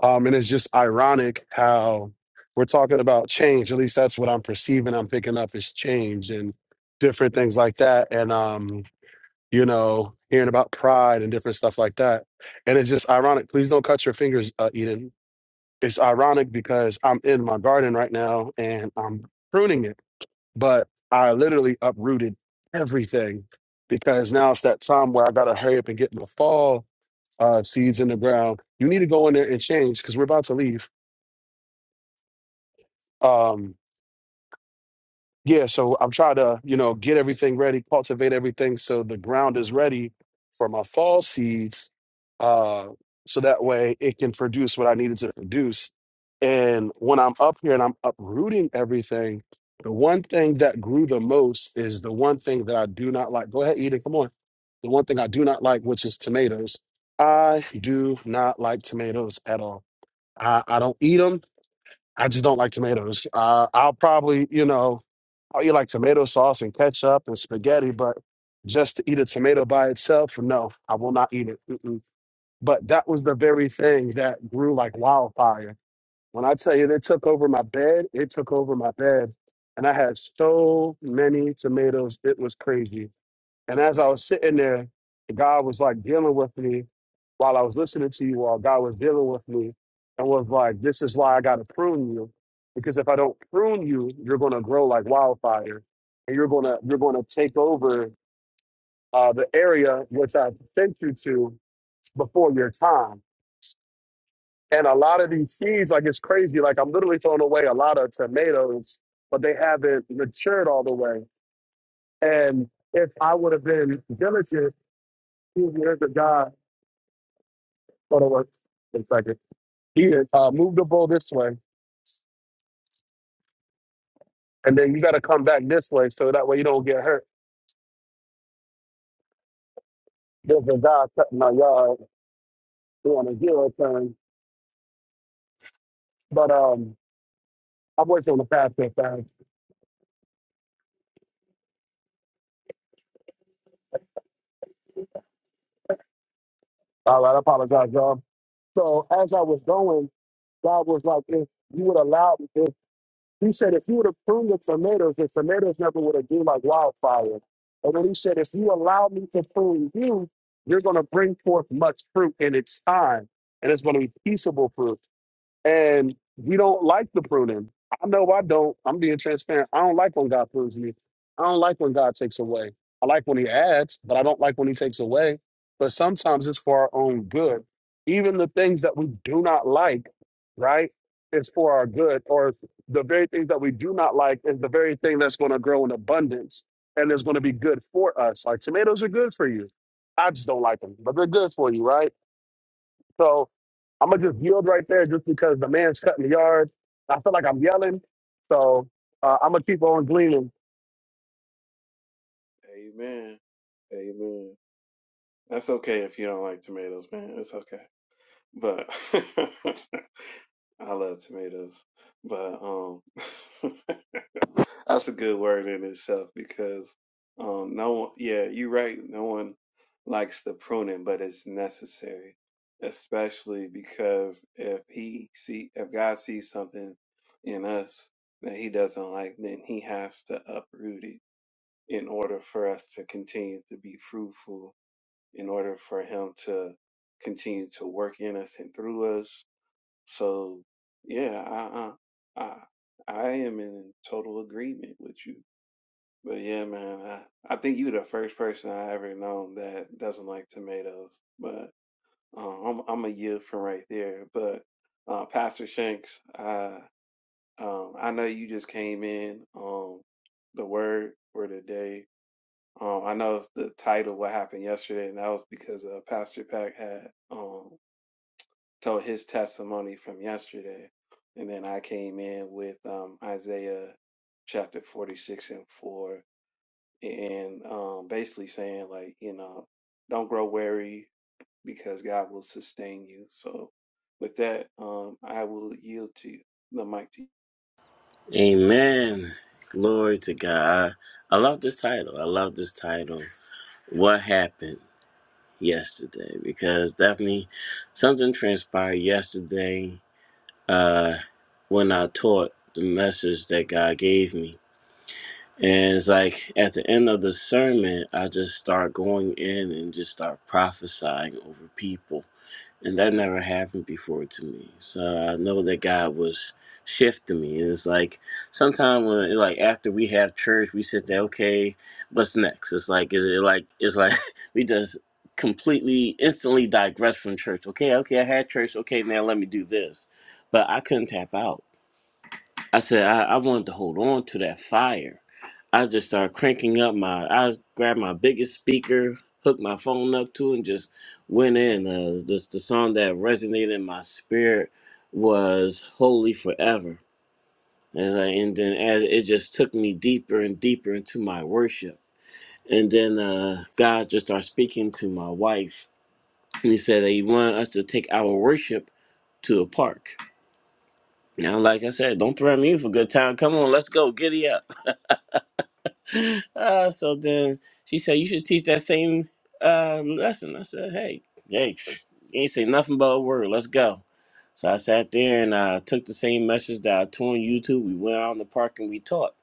S5: Um, and it's just ironic how we're talking about change. At least that's what I'm perceiving, I'm picking up is change and different things like that. And um, you know, hearing about pride and different stuff like that. And it's just ironic. Please don't cut your fingers, uh, Eden. It's ironic because I'm in my garden right now and I'm pruning it but I literally uprooted everything because now it's that time where I gotta hurry up and get my fall uh, seeds in the ground. You need to go in there and change because we're about to leave. Um, Yeah, so I'm trying to, you know, get everything ready, cultivate everything so the ground is ready for my fall seeds, uh, so that way it can produce what I needed to produce. And when I'm up here and I'm uprooting everything, the one thing that grew the most is the one thing that I do not like. Go ahead, Eden, come on. The one thing I do not like, which is tomatoes. I do not like tomatoes at all. I, I don't eat eat them. I just don't like tomatoes. Uh, I'll probably, you know, I'll eat like tomato sauce and ketchup and spaghetti, but just to eat a tomato by itself, no, I will not eat it. Mm-mm. But that was the very thing that grew like wildfire. When I tell you, it took over my bed, it took over my bed. And I had so many tomatoes, it was crazy and as I was sitting there, God was like dealing with me while I was listening to you all. God was dealing with me and was like, This is why I got to prune you. Because if I don't prune you, you're going to grow like wildfire and you're going to, you're going to take over uh, the area which I sent you to before your time. And a lot of these seeds, like it's crazy. Like I'm literally throwing away a lot of tomatoes, but they haven't matured all the way. And if I would have been diligent, two years of God. Hold in one second. Here, uh, move the ball this way, and then you got to come back this way, so that way you don't get hurt. There's a guy cutting my yard doing a zero turn, but um, I'm working on the path that fast. All right, I apologize, y'all. So as I was going, God was like, if you would allow, if He said, if you would have pruned the tomatoes, the tomatoes never would have been like wildfire. And then He said, if you allow me to prune you, you're going to bring forth much fruit in its time, and it's going to be peaceable fruit. and we don't like the pruning. I know I don't. I'm being transparent. I don't like when God prunes me. I don't like when God takes away. I like when He adds, but I don't like when He takes away. But sometimes it's for our own good. Even the things that we do not like, right, is for our good. Or the very things that we do not like is the very thing that's going to grow in abundance and is going to be good for us. Like tomatoes are good for you. I just don't like them, but they're good for you, right? So I'm gonna just yield right there, just because the man's cutting the yard. I feel like I'm yelling, so uh, I'm gonna keep on gleaning.
S3: Amen. Amen. That's okay if you don't like tomatoes, man. It's okay. But I love tomatoes, but um, that's a good word in itself because um, no one, yeah, you're right. No one likes the pruning, but it's necessary, especially because if he see if God sees something in us that He doesn't like, then He has to uproot it in order for us to continue to be fruitful, in order for Him to continue to work in us and through us so yeah, I I I, I am in total agreement with you. But yeah, man, I, I think you the first person I ever known that doesn't like tomatoes. But uh, I'm I'm a yield from right there. But uh, Pastor Shanks, I um I know you just came in. Um, the word for today. Um, I know it's the title what happened yesterday, and that was because uh, Pastor Pack had um told his testimony from yesterday. And then I came in with um, Isaiah chapter 46 and 4, and um, basically saying, like, you know, don't grow weary because God will sustain you. So, with that, um, I will yield to you, the mic to you.
S6: Amen. Glory to God. I, I love this title. I love this title. What happened yesterday? Because definitely something transpired yesterday uh, when I taught the message that God gave me. And it's like at the end of the sermon, I just start going in and just start prophesying over people. And that never happened before to me. So I know that God was shifting me. And it's like sometimes when like after we have church, we sit there, okay, what's next? It's like is it like it's like we just completely instantly digress from church. Okay, okay, I had church, okay, now let me do this. But I couldn't tap out. I said I, I wanted to hold on to that fire. I just started cranking up my. I grabbed my biggest speaker, hooked my phone up to, it, and just went in. Uh, this the song that resonated in my spirit was "Holy Forever," and, I, and then as it just took me deeper and deeper into my worship. And then uh, God just started speaking to my wife, and He said that He wanted us to take our worship to a park. Now, like I said, don't threaten me for good time. Come on, let's go, giddy up. uh, so then she said, "You should teach that same uh, lesson." I said, "Hey, hey, you ain't say nothing but a word. Let's go." So I sat there and I took the same message that I taught on YouTube. We went out in the park and we taught.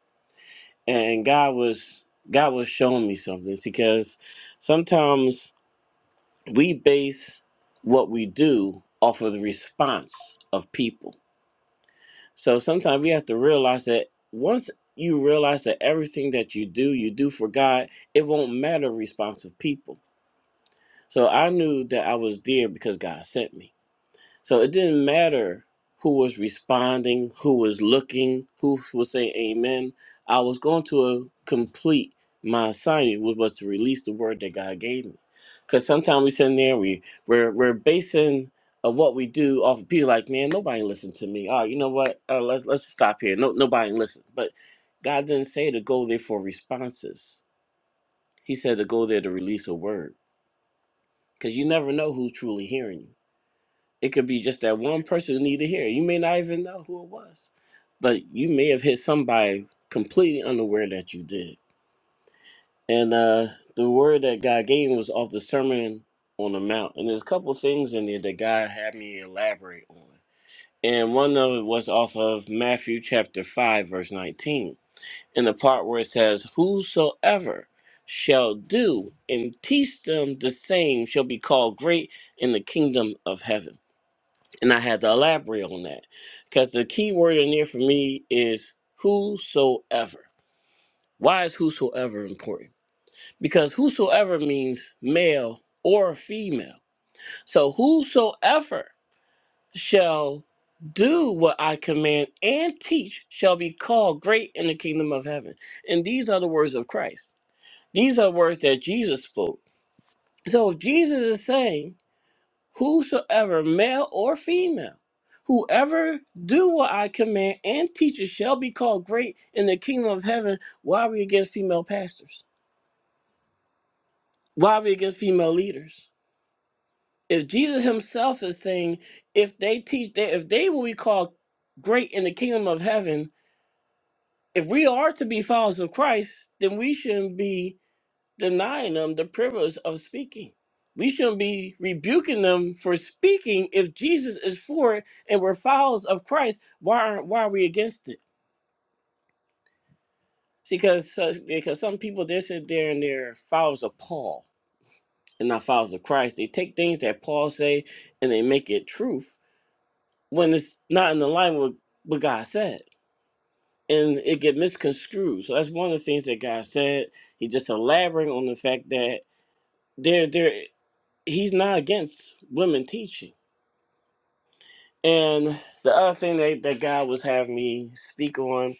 S6: And God was God was showing me something It's because sometimes we base what we do off of the response of people so sometimes we have to realize that once you realize that everything that you do, you do for God, it won't matter responsive people. So I knew that I was there because God sent me. So it didn't matter who was responding, who was looking, who was saying amen. I was going to uh, complete my assignment, which was to release the word that God gave me. Because sometimes we sit in there, we, we're, we're basing of what we do off of people like, man, nobody listened to me. Oh, you know what? Uh, let's, let's stop here. No, nobody listened. But God didn't say to go there for responses. He said to go there to release a word. Because you never know who's truly hearing you it could be just that one person who needed to hear. it. You may not even know who it was, but you may have hit somebody completely unaware that you did. And uh, the word that God gave me was off the Sermon on the Mount. And there's a couple things in there that God had me elaborate on. And one of it was off of Matthew chapter 5, verse 19, in the part where it says, Whosoever shall do and teach them the same shall be called great in the kingdom of heaven. And I had to elaborate on that because the key word in there for me is whosoever. Why is whosoever important? Because whosoever means male or female. So whosoever shall do what I command and teach shall be called great in the kingdom of heaven. And these are the words of Christ. These are words that Jesus spoke. So if Jesus is saying whosoever, male or female, whoever do what I command and teaches shall be called great in the kingdom of heaven. Why are we against female pastors? Why are we against female leaders? If Jesus himself is saying, if they teach, they, if they will be called great in the kingdom of heaven, if we are to be followers of Christ, then we shouldn't be denying them the privilege of speaking. We shouldn't be rebuking them for speaking if Jesus is for it and we're followers of Christ. Why aren't why are we against it? Because uh, because some people they sit there and they're followers of Paul and not followers of Christ. They take things that Paul say and they make it truth when it's not in alignment with what God said, and it get misconstrued. So that's one of the things that God said. He just elaborating on the fact that there there. he's not against women teaching. And the other thing that, that God was having me speak on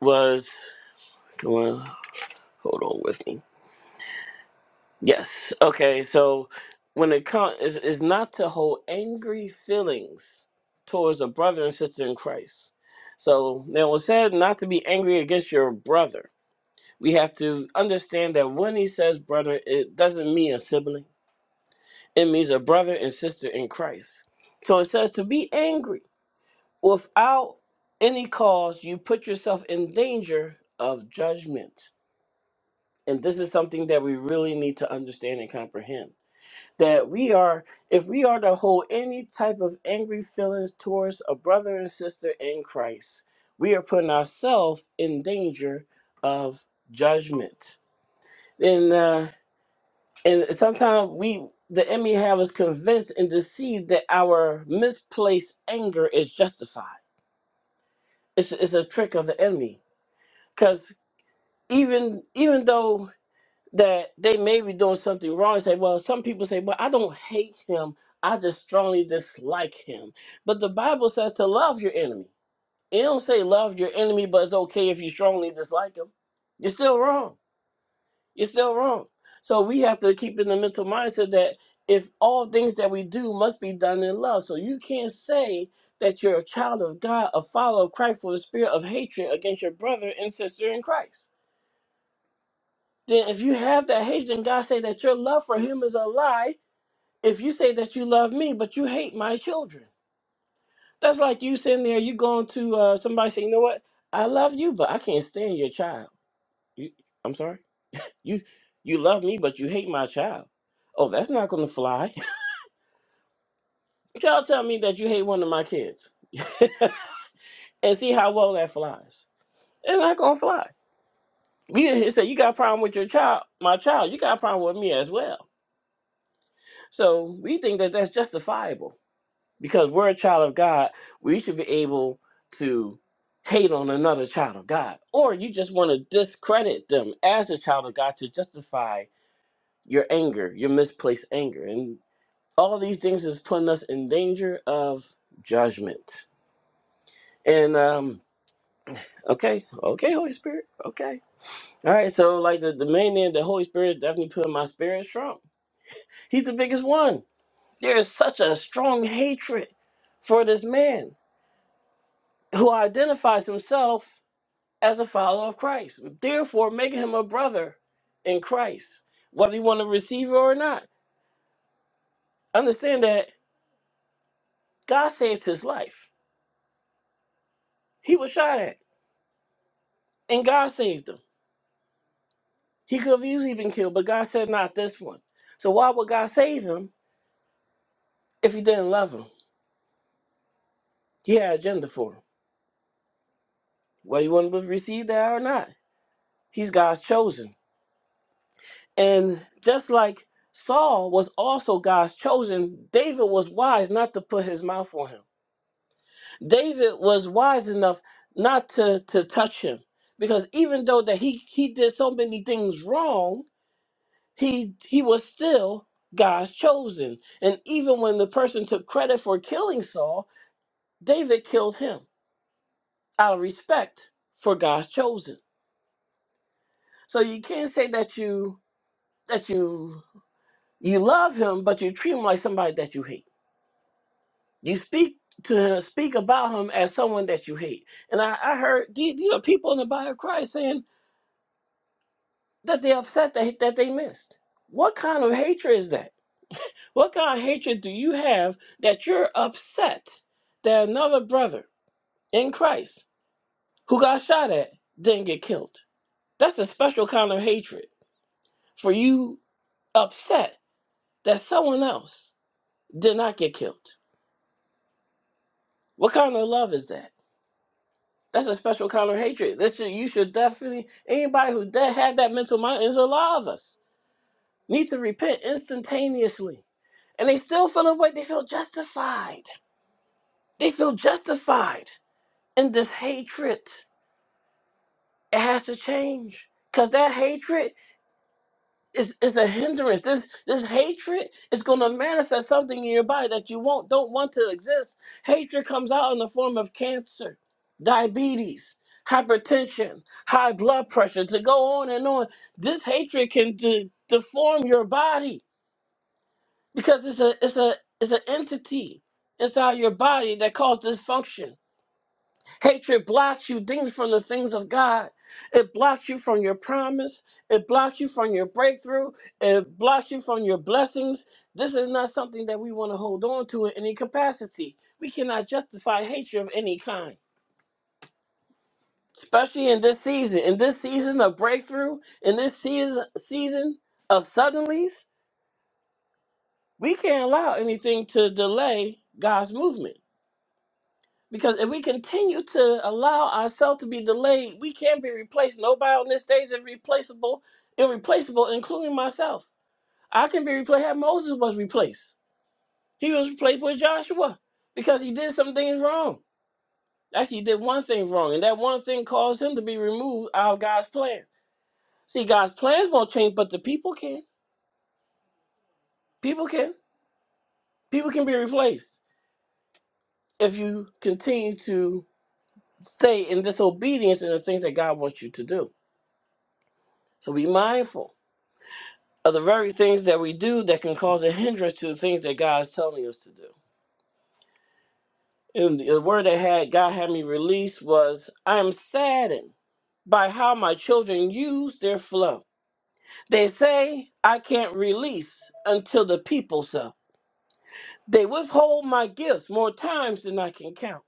S6: was, come on, hold on with me. Yes. Okay. So when it comes, it's, it's not to hold angry feelings towards a brother and sister in Christ. So now it was said not to be angry against your brother. We have to understand that when he says brother, it doesn't mean a sibling. It means a brother and sister in Christ. So it says to be angry without any cause, you put yourself in danger of judgment. And this is something that we really need to understand and comprehend. That we are, if we are to hold any type of angry feelings towards a brother and sister in Christ, we are putting ourselves in danger of judgment. And uh, and sometimes we, the enemy, have us convinced and deceived that our misplaced anger is justified. It's, it's a trick of the enemy because even even though that they may be doing something wrong, say, well, some people say, well, I don't hate him, I just strongly dislike him. But the Bible says to love your enemy. It don't say love your enemy, but it's okay if you strongly dislike him. You're still wrong. You're still wrong. So we have to keep in the mental mindset that if all things that we do must be done in love. So you can't say that you're a child of God, a follower of Christ for the spirit of hatred against your brother and sister in Christ then if you have that hate, then God say that your love for him is a lie. If you say that you love me, but you hate my children, that's like you sitting there, you going to uh, somebody say, you know what? I love you, but I can't stand your child. You, I'm sorry. You you love me, but you hate my child. Oh, that's not gonna fly. Y'all tell me that you hate one of my kids and see how well that flies. It's not gonna fly. We in here say you got a problem with your child, my child. You got a problem with me as well. So we think that that's justifiable because we're a child of God, we should be able to hate on another child of God. Or you just want to discredit them as a child of God to justify your anger, your misplaced anger. And all these things is putting us in danger of judgment. And um okay, okay, Holy Spirit. Okay. All right, so like the, the main name the Holy Spirit definitely put in my spirit is Trump. He's the biggest one. There is such a strong hatred for this man who identifies himself as a follower of Christ, therefore making him a brother in Christ, whether you want to receive it or not. Understand that God saved his life. He was shot at, and God saved him. He could have easily been killed, but God said, not this one. So why would God save him if he didn't love him? He had an agenda for him, whether you want to receive that or not. He's God's chosen. And just like Saul was also God's chosen, David was wise not to put his mouth on him David was wise enough not to, to touch him because even though that he, he did so many things wrong, he he was still God's chosen. And even when the person took credit for killing Saul, David killed him out of respect for God's chosen. So you can't say that you that you you love him, but you treat him like somebody that you hate. You speak to him, speak about him as someone that you hate. And I, I heard these, these are people in the body of Christ saying that they're upset that, that they missed. What kind of hatred is that? What kind of hatred do you have that you're upset that another brother in Christ who got shot at didn't get killed? That's a special kind of hatred for you upset that someone else did not get killed. What kind of love is that? That's a special kind of hatred. This should, you should definitely anybody who de- had that mental mind is a lot of us. need to repent instantaneously. And they still feel the way they feel justified. They feel justified in this hatred. It has to change. Cause that hatred is, is a hindrance. This this hatred is gonna manifest something in your body that you won't don't want to exist. Hatred comes out in the form of cancer, diabetes, hypertension, high blood pressure, to go on and on. This hatred can de- deform your body because it's a it's a it's an entity inside your body that causes dysfunction. Hatred blocks you things from the things of God. It blocks you from your promise. It blocks you from your breakthrough. It blocks you from your blessings. This is not something that we want to hold on to in any capacity. We cannot justify hatred of any kind, especially in this season. In this season of breakthrough, in this season season of suddenlies, we can't allow anything to delay God's movement Because if we continue to allow ourselves to be delayed, we can't be replaced. Nobody on this stage is replaceable, irreplaceable, including myself. I can be replaced. How Moses was replaced. He was replaced with Joshua because he did some things wrong. Actually, he did one thing wrong, and that one thing caused him to be removed out of God's plan. See, God's plans won't change, but the people can. People can. People can be replaced if you continue to stay in disobedience in the things that God wants you to do. So be mindful are the very things that we do that can cause a hindrance to the things that God is telling us to do. And the word that had God had me release was, I am saddened by how my children use their flow. They say I can't release until the people so. They withhold my gifts more times than I can count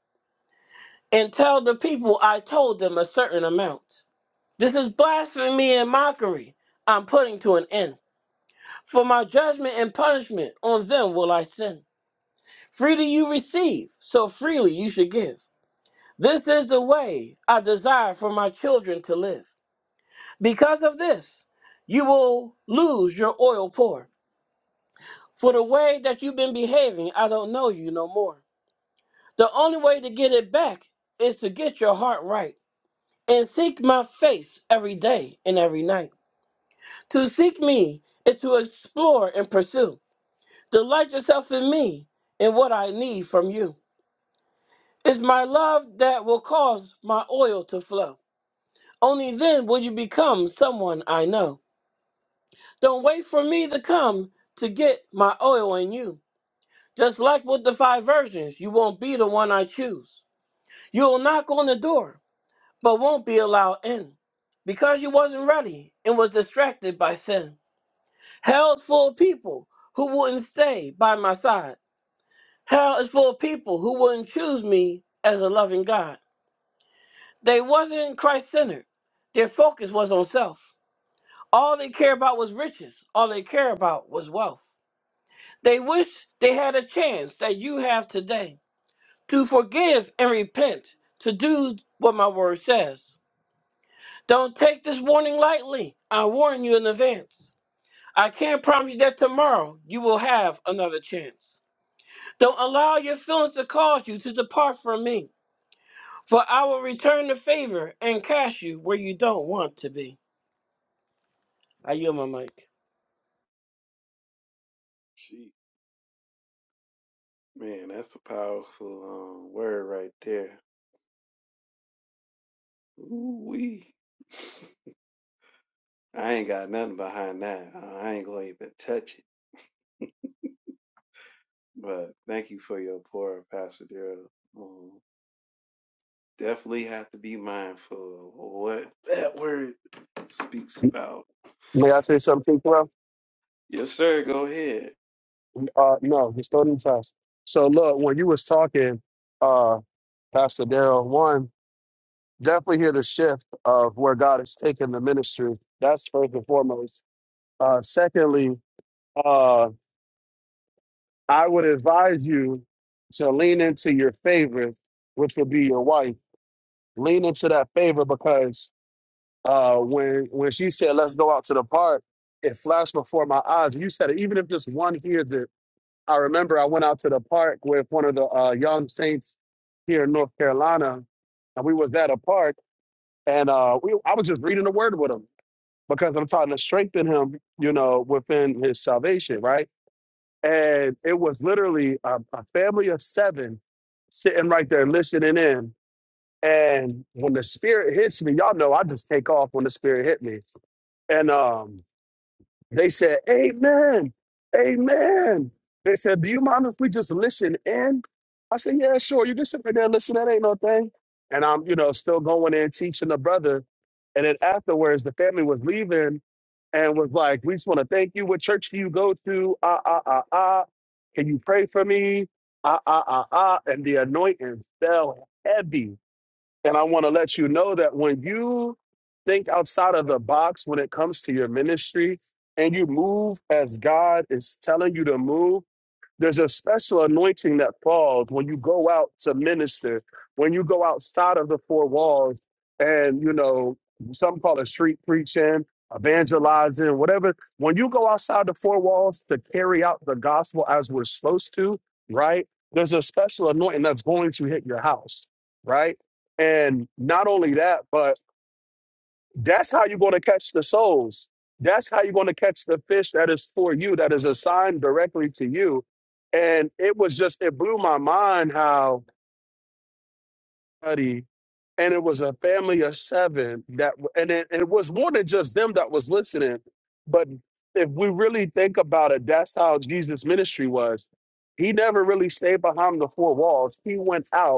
S6: and tell the people I told them a certain amount. This is blasphemy and mockery I'm putting to an end. For my judgment and punishment on them will I send. Freely you receive, so freely you should give. This is the way I desire for my children to live. Because of this, you will lose your oil pour. For the way that you've been behaving, I don't know you no more. The only way to get it back is to get your heart right and seek my face every day and every night. To seek me is to explore and pursue. Delight yourself in me and what I need from you. It's my love that will cause my oil to flow. Only then will you become someone I know. Don't wait for me to come to get my oil in you. Just like with the five virgins, you won't be the one I choose. You'll knock on the door, but won't be allowed in. Because you wasn't ready and was distracted by sin. Hell is full of people who wouldn't stay by my side. Hell is full of people who wouldn't choose me as a loving God. They wasn't Christ centered. Their focus was on self. All they cared about was riches. All they cared about was wealth. They wish they had a chance that you have today to forgive and repent, to do what my word says. Don't take this warning lightly. I warn you in advance. I can't promise you that tomorrow you will have another chance. Don't allow your feelings to cause you to depart from me, for I will return the favor and cast you where you don't want to be. I yield my mic.
S3: Gee, man, that's a powerful um, word right there. Ooh, wee. I ain't got nothing behind that. I ain't going to even touch it. But thank you for your pour, Pastor Daryl. Um, definitely have to be mindful of what that word speaks about.
S5: May I say something, bro?
S3: Yes, sir. Go ahead.
S5: Uh, no, he's do in even So look, when you was talking, uh, Pastor Daryl, one definitely hear the shift of where God is taking the ministry. That's first and foremost. Uh, secondly, uh, I would advise you to lean into your favorite, which would be your wife. Lean into that favor because uh, when when she said, "Let's go out to the park," it flashed before my eyes. You said, it, even if just one hears it, I remember I went out to the park with one of the uh, young saints here in North Carolina, and we was at a park, and uh, we I was just reading the word with him because I'm trying to strengthen him, you know, within his salvation, right? And it was literally a, a family of seven sitting right there listening in. And when the spirit hits me, y'all know I just take off when the spirit hit me and um, they said, Amen. Amen. They said, Do you mind if we just listen in? I said, Yeah, sure. You just sit right there and listen. That ain't no thing. And I'm, you know, still going in teaching the brother. And then afterwards, the family was leaving and was like, We just want to thank you. What church do you go to? Ah, ah, ah, ah. Can you pray for me? Ah, ah, ah, ah. And the anointing fell heavy and I want to let you know that when you think outside of the box when it comes to your ministry and you move as God is telling you to move, there's a special anointing that falls when you go out to minister, when you go outside of the four walls and, you know, some call it street preaching, evangelizing, whatever. When you go outside the four walls to carry out the gospel as we're supposed to, right? There's a special anointing that's going to hit your house, right? And not only that, but that's how you're going to catch the souls. That's how you're going to catch the fish that is for you, that is assigned directly to you. And it was just, it blew my mind how buddy, and it was a family of seven that, and it, it was more than just them that was listening. But if we really think about it, that's how Jesus' ministry was. He never really stayed behind the four walls. He went out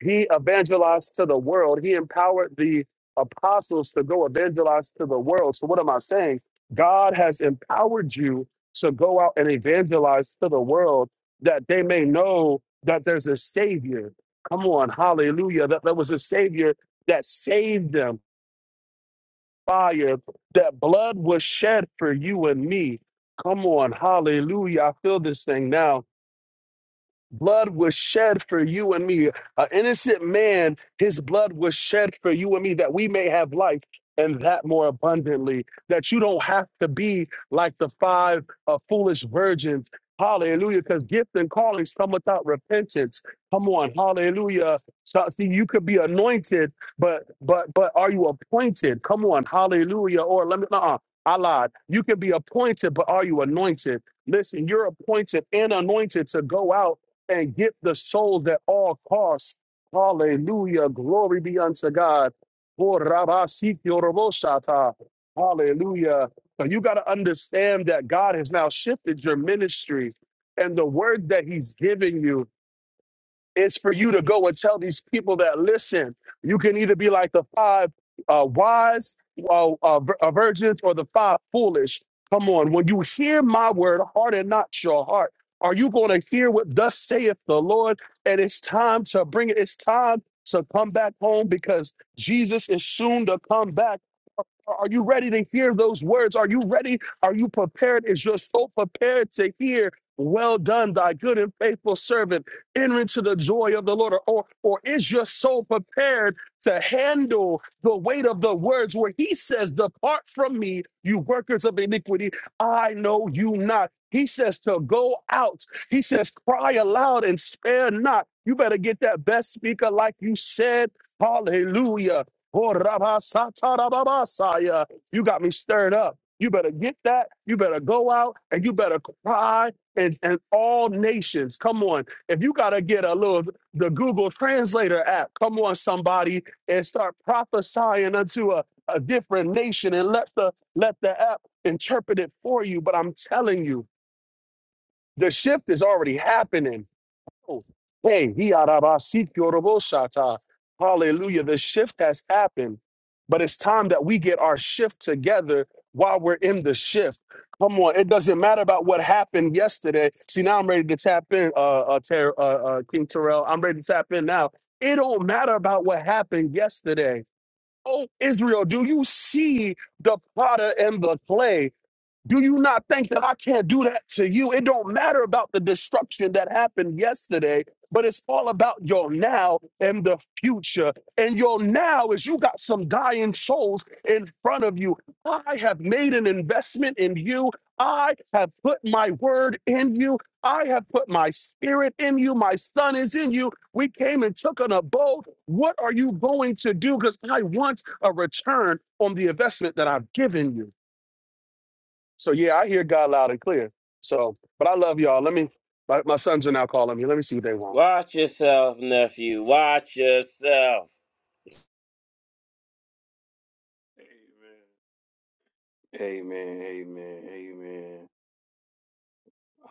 S5: he evangelized to the world. He empowered the apostles to go evangelize to the world. So, what am I saying? God has empowered you to go out and evangelize to the world that they may know that there's a Savior. Come on, hallelujah. That there was a Savior that saved them. Fire, that blood was shed for you and me. Come on, hallelujah. I feel this thing now blood was shed for you and me. An innocent man, his blood was shed for you and me that we may have life and that more abundantly. That you don't have to be like the five uh, foolish virgins. Hallelujah. Because gift and callings come without repentance. Come on. Hallelujah. So, see, you could be anointed, but but but are you appointed? Come on. Hallelujah. Or let me uh I lied. You can be appointed, but are you anointed? Listen, you're appointed and anointed to go out and get the souls at all costs. Hallelujah. Glory be unto God. Oh, Rabba Sikyo Robo Hallelujah. So you got to understand that God has now shifted your ministry and the word that He's giving you. It's for you to go and tell these people that listen. You can either be like the five uh, wise uh, uh, vir- uh, virgins or the five foolish. Come on, when you hear my word, harden not your heart. Are you going to hear what thus saith the Lord? And it's time to bring it. It's time to come back home because Jesus is soon to come back. Are you ready to hear those words? Are you ready? Are you prepared? Is your soul prepared to hear? Well done, thy good and faithful servant. Enter into the joy of the Lord. Or, or is your soul prepared to handle the weight of the words where he says, Depart from me, you workers of iniquity. I know you not. He says to go out. He says, Cry aloud and spare not. You better get that best speaker like you said. Hallelujah. Oh, ba ba rabasatarababasaya. You got me stirred up. You better get that. You better go out and you better cry and, and all nations. Come on. If you got to get a little, the Google Translator app, come on, somebody, and start prophesying unto a, a different nation and let the, let the app interpret it for you. But I'm telling you, the shift is already happening Oh, Hey, he Hiarabasikiorobosata. hallelujah. The shift has happened, but it's time that we get our shift together while we're in the shift. Come on, it doesn't matter about what happened yesterday. See, now I'm ready to tap in, uh, uh, Ter- uh, uh, King Terrell. I'm ready to tap in now. It don't matter about what happened yesterday. Oh, Israel, do you see the potter and the clay? Do you not think that I can't do that to you? It don't matter about the destruction that happened yesterday, but it's all about your now and the future. And your now is you got some dying souls in front of you. I have made an investment in you. I have put my word in you. I have put my spirit in you. My son is in you. We came and took an abode. What are you going to do? Because I want a return on the investment that I've given you. So yeah, I hear God loud and clear. So, but I love y'all. Let me. My, my sons are now calling me. Let me see what they want.
S6: Watch yourself, nephew. Watch yourself.
S3: Amen. Amen. Amen. Amen.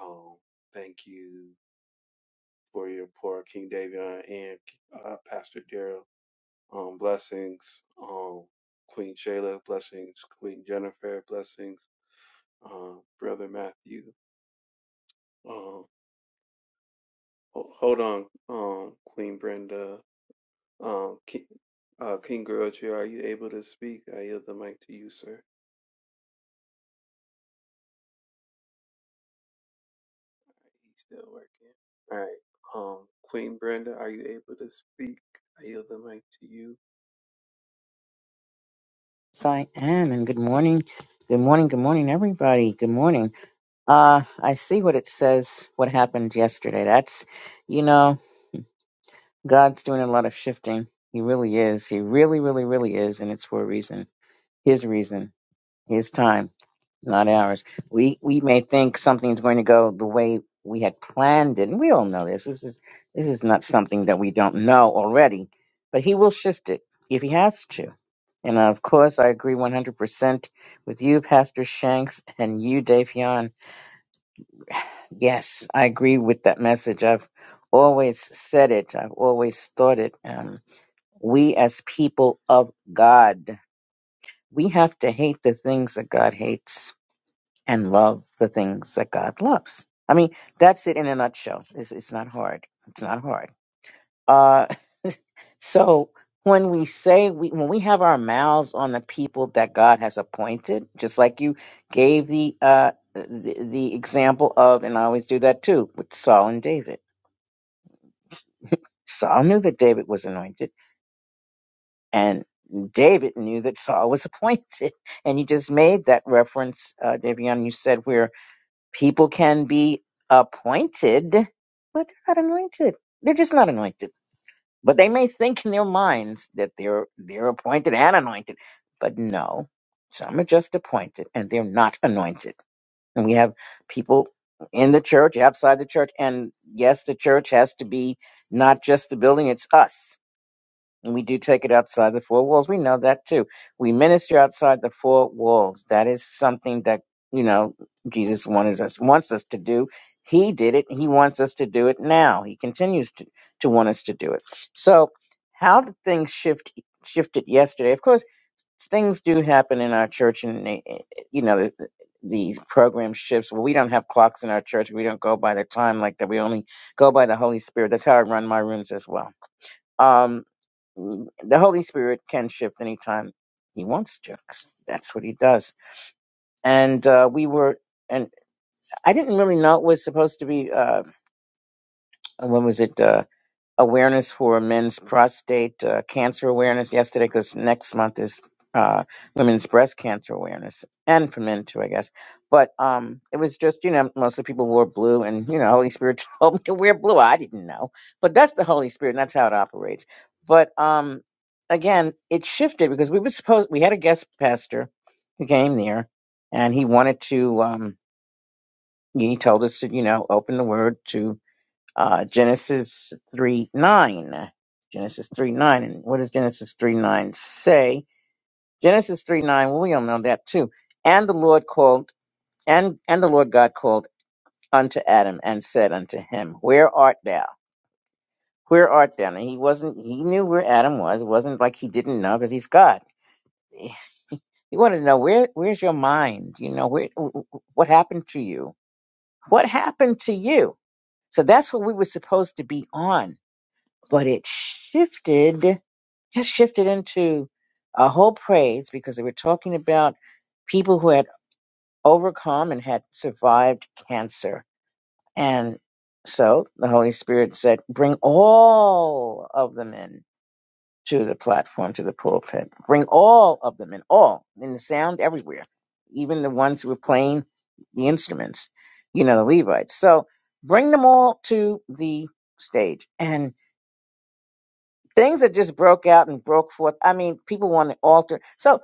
S3: Um, thank you for your pour, King Davion and uh, Pastor Daryl. Um, blessings, um, Queen Shayla. Blessings, Queen Jennifer. Blessings, um, Brother Matthew. Um, Ho- Hold on, um, Queen Brenda, um, King, uh, King Groucho, are you able to speak? I yield the mic to you, sir. He's still working. All right, um, Queen Brenda, are you able to speak? I yield the mic to you.
S7: Yes, I am, and good morning. Good morning, good morning, everybody. Good morning. Uh, I see what it says, what happened yesterday. That's, you know, God's doing a lot of shifting. He really is. He really, really, really is, and it's for a reason. His reason, His time not ours. We we may think something's going to go the way we had planned it, and we all know this. This is this is not something that we don't know already, but he will shift it if he has to. And of course, I agree 100% with you, Pastor Shanks, and you, Davion. Yes, I agree with that message. I've always said it. I've always thought it. Um, we as people of God, we have to hate the things that God hates and love the things that God loves. I mean, that's it in a nutshell. It's, it's not hard. It's not hard. Uh, so when we say we, when we have our mouths on the people that God has appointed, just like you gave the uh the, the example of, and I always do that too with Saul and David. Saul knew that David was anointed, and David knew that Saul was appointed. And you just made that reference, uh, Davion. You said where People can be appointed, but they're not anointed. They're just not anointed. But they may think in their minds that they're they're appointed and anointed. But no, some are just appointed and they're not anointed. And we have people in the church, outside the church, and yes, the church has to be not just the building, it's us and we do take it outside the four walls. We know that too. We minister outside the four walls. That is something that, you know, Jesus wanted us, wants us to do. He did it. He wants us to do it now. He continues to, to want us to do it. So how did things shift, shifted yesterday? Of course, things do happen in our church and, they- you know, the, the program shifts. Well, we don't have clocks in our church. We don't go by the time like that. We only go by the Holy Spirit. That's how I run my rooms as well. Um, the Holy Spirit can shift anytime He wants to. 'cause That's what He does. And uh, we were, and I didn't really know it was supposed to be. Uh, when was it? uh, awareness for men's prostate uh, cancer awareness yesterday because next month is uh, women's breast cancer awareness and for men too, I guess. But um, it was just, you know, most of the people wore blue and, you know, Holy Spirit told me to wear blue. I didn't know. But that's the Holy Spirit and that's how it operates. But um, again, it shifted because we were supposed, we had a guest pastor who came there and he wanted to, um, he told us to, you know, open the word to uh, Genesis 3 9. Genesis 3 9. And what does Genesis 3 9 say? Genesis 3 9, well, we all know that too. And the Lord called, and, and the Lord God called unto Adam and said unto him, Where art thou? Where art thou? And he wasn't, he knew where Adam was. It wasn't like he didn't know because he's God. He wanted to know, where, where's your mind? You know, where, what happened to you? What happened to you? So that's what we were supposed to be on but it shifted, just shifted into a whole praise because they were talking about people who had overcome and had survived cancer. And so the Holy Spirit said, bring all of them in to the platform, to the pulpit. Bring all of them in, all, in the sound everywhere, even the ones who were playing the instruments, you know, the Levites. So bring them all to the stage. And things that just broke out and broke forth. I mean, people want to alter. So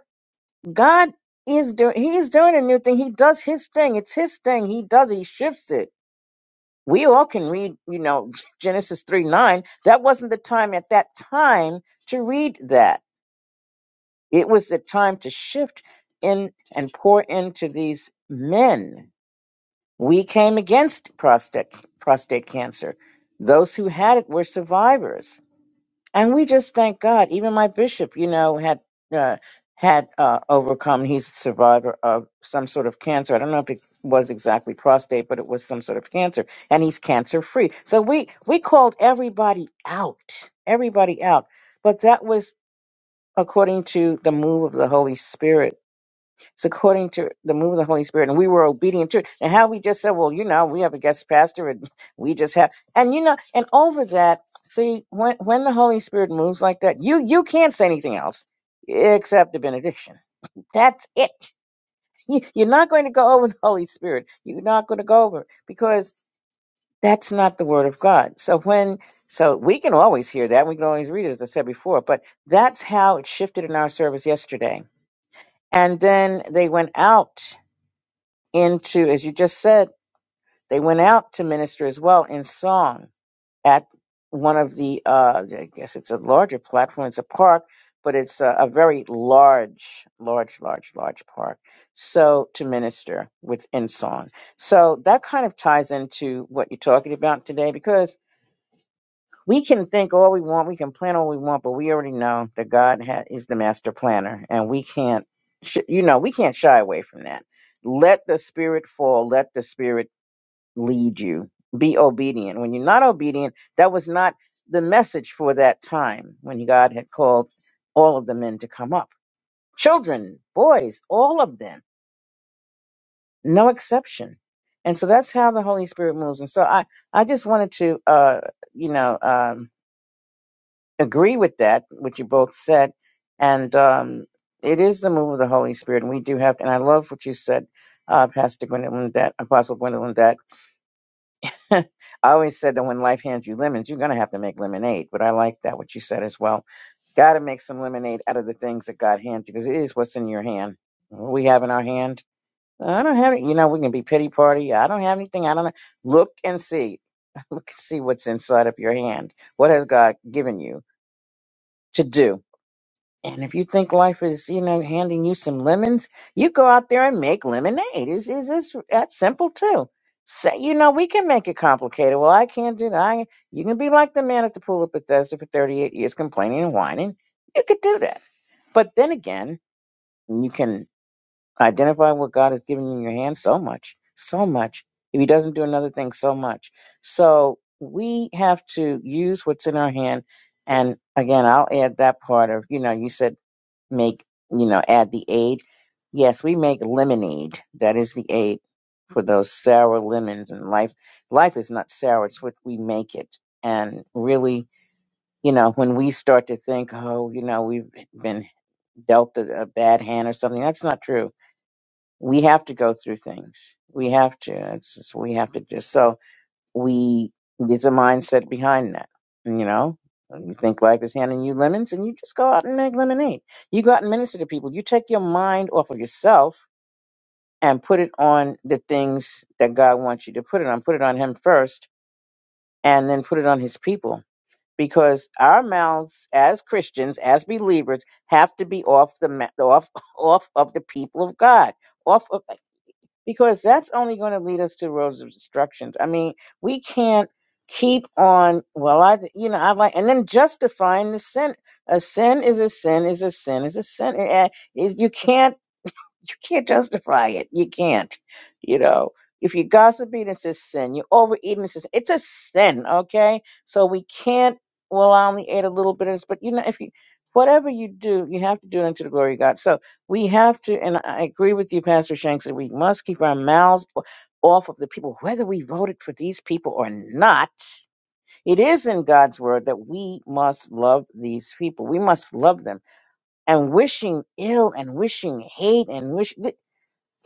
S7: God is doing, he is doing a new thing. He does his thing. It's his thing. He does, he shifts it. We all can read, you know, Genesis 3 9. That wasn't the time at that time to read that. It was the time to shift in and pour into these men. We came against prostate, prostate cancer. Those who had it were survivors and we just thank God. Even my bishop, you know, had uh, had uh, overcome. He's a survivor of some sort of cancer. I don't know if it was exactly prostate, but it was some sort of cancer, and he's cancer free. So we we called everybody out, everybody out. But that was according to the move of the Holy Spirit it's according to the move of the Holy Spirit, and we were obedient to it. And how we just said, well, you know, we have a guest pastor, and we just have, and you know, and over that, see, when when the Holy Spirit moves like that, you you can't say anything else except the benediction. That's it. You- You're not going to go over the Holy Spirit. You're not going to go over it because that's not the Word of God. So when so we can always hear that, we can always read it, as I said before. But that's how it shifted in our service yesterday. And then they went out into, as you just said, they went out to minister as well in song at one of the, uh, I guess it's a larger platform, it's a park, but it's a, a very large, large, large, large park. So to minister within song. So that kind of ties into what you're talking about today because we can think all we want, we can plan all we want, but we already know that God ha- is the master planner and we can't, sh- you know, we can't shy away from that let the spirit fall let the spirit lead you. Be obedient. When you're not obedient, that was not the message for that time when God had called all of the men to come up. Children, boys, all of them, no exception. And so that's how the Holy Spirit moves. And so I, I just wanted to, uh, you know, um, agree with that, what you both said. And um, it is the move of the Holy Spirit. And we do have, and I love what you said, uh, Pastor Gwendolyn, that Apostle Gwendolyn, that I always said that when life hands you lemons, you're going to have to make lemonade. But I like that, what you said as well. Got to make some lemonade out of the things that God hands you because it is what's in your hand. What we have in our hand, I don't have it. You know, we can be pity party. I don't have anything. I don't know. Look and see. Look and see what's inside of your hand. What has God given you to do? And if you think life is, you know, handing you some lemons, you go out there and make lemonade. It's, it's, it's that simple too. Say, you know, we can make it complicated. Well, I can't do that. I, you can be like the man at the pool at Bethesda for 38 years complaining and whining. You could do that. But then again, you can identify what God has given you in your hand so much, so much. If he doesn't do another thing, so much. So we have to use what's in our hand. And again, I'll add that part of, you know, you said make you know add the aid yes we make lemonade that is the aid for those sour lemons and life life is not sour it's what we make it and really you know when we start to think oh you know we've been dealt a, a bad hand or something that's not true we have to go through things we have to it's just, we have to do so we there's a mindset behind that. You know, you think life is handing you lemons, and you just go out and make lemonade. You go out and minister to people. You take your mind off of yourself and put it on the things that God wants you to put it on. Put it on Him first, and then put it on His people. Because our mouths, as Christians, as believers, have to be off the ma- off off of the people of God, off. of because that's only going to lead us to roads of destructions. I mean, we can't keep on. Well, I, you know, I like, and then justifying the sin. A sin is a sin is a sin is a sin. And, and is- you can't you can't justify it. You can't. You know, if you're gossiping, it's a sin. You're overeating, it's a, sin. it's a sin. Okay, so we can't. Well, I only ate a little bit of this, but you know, if you whatever you do, you have to do it unto the glory of God. So we have to, and I agree with you, Pastor Shanks, that we must keep our mouths o- off of the people, whether we voted for these people or not. It is in God's word that we must love these people. We must love them and wishing ill and wishing hate and wish.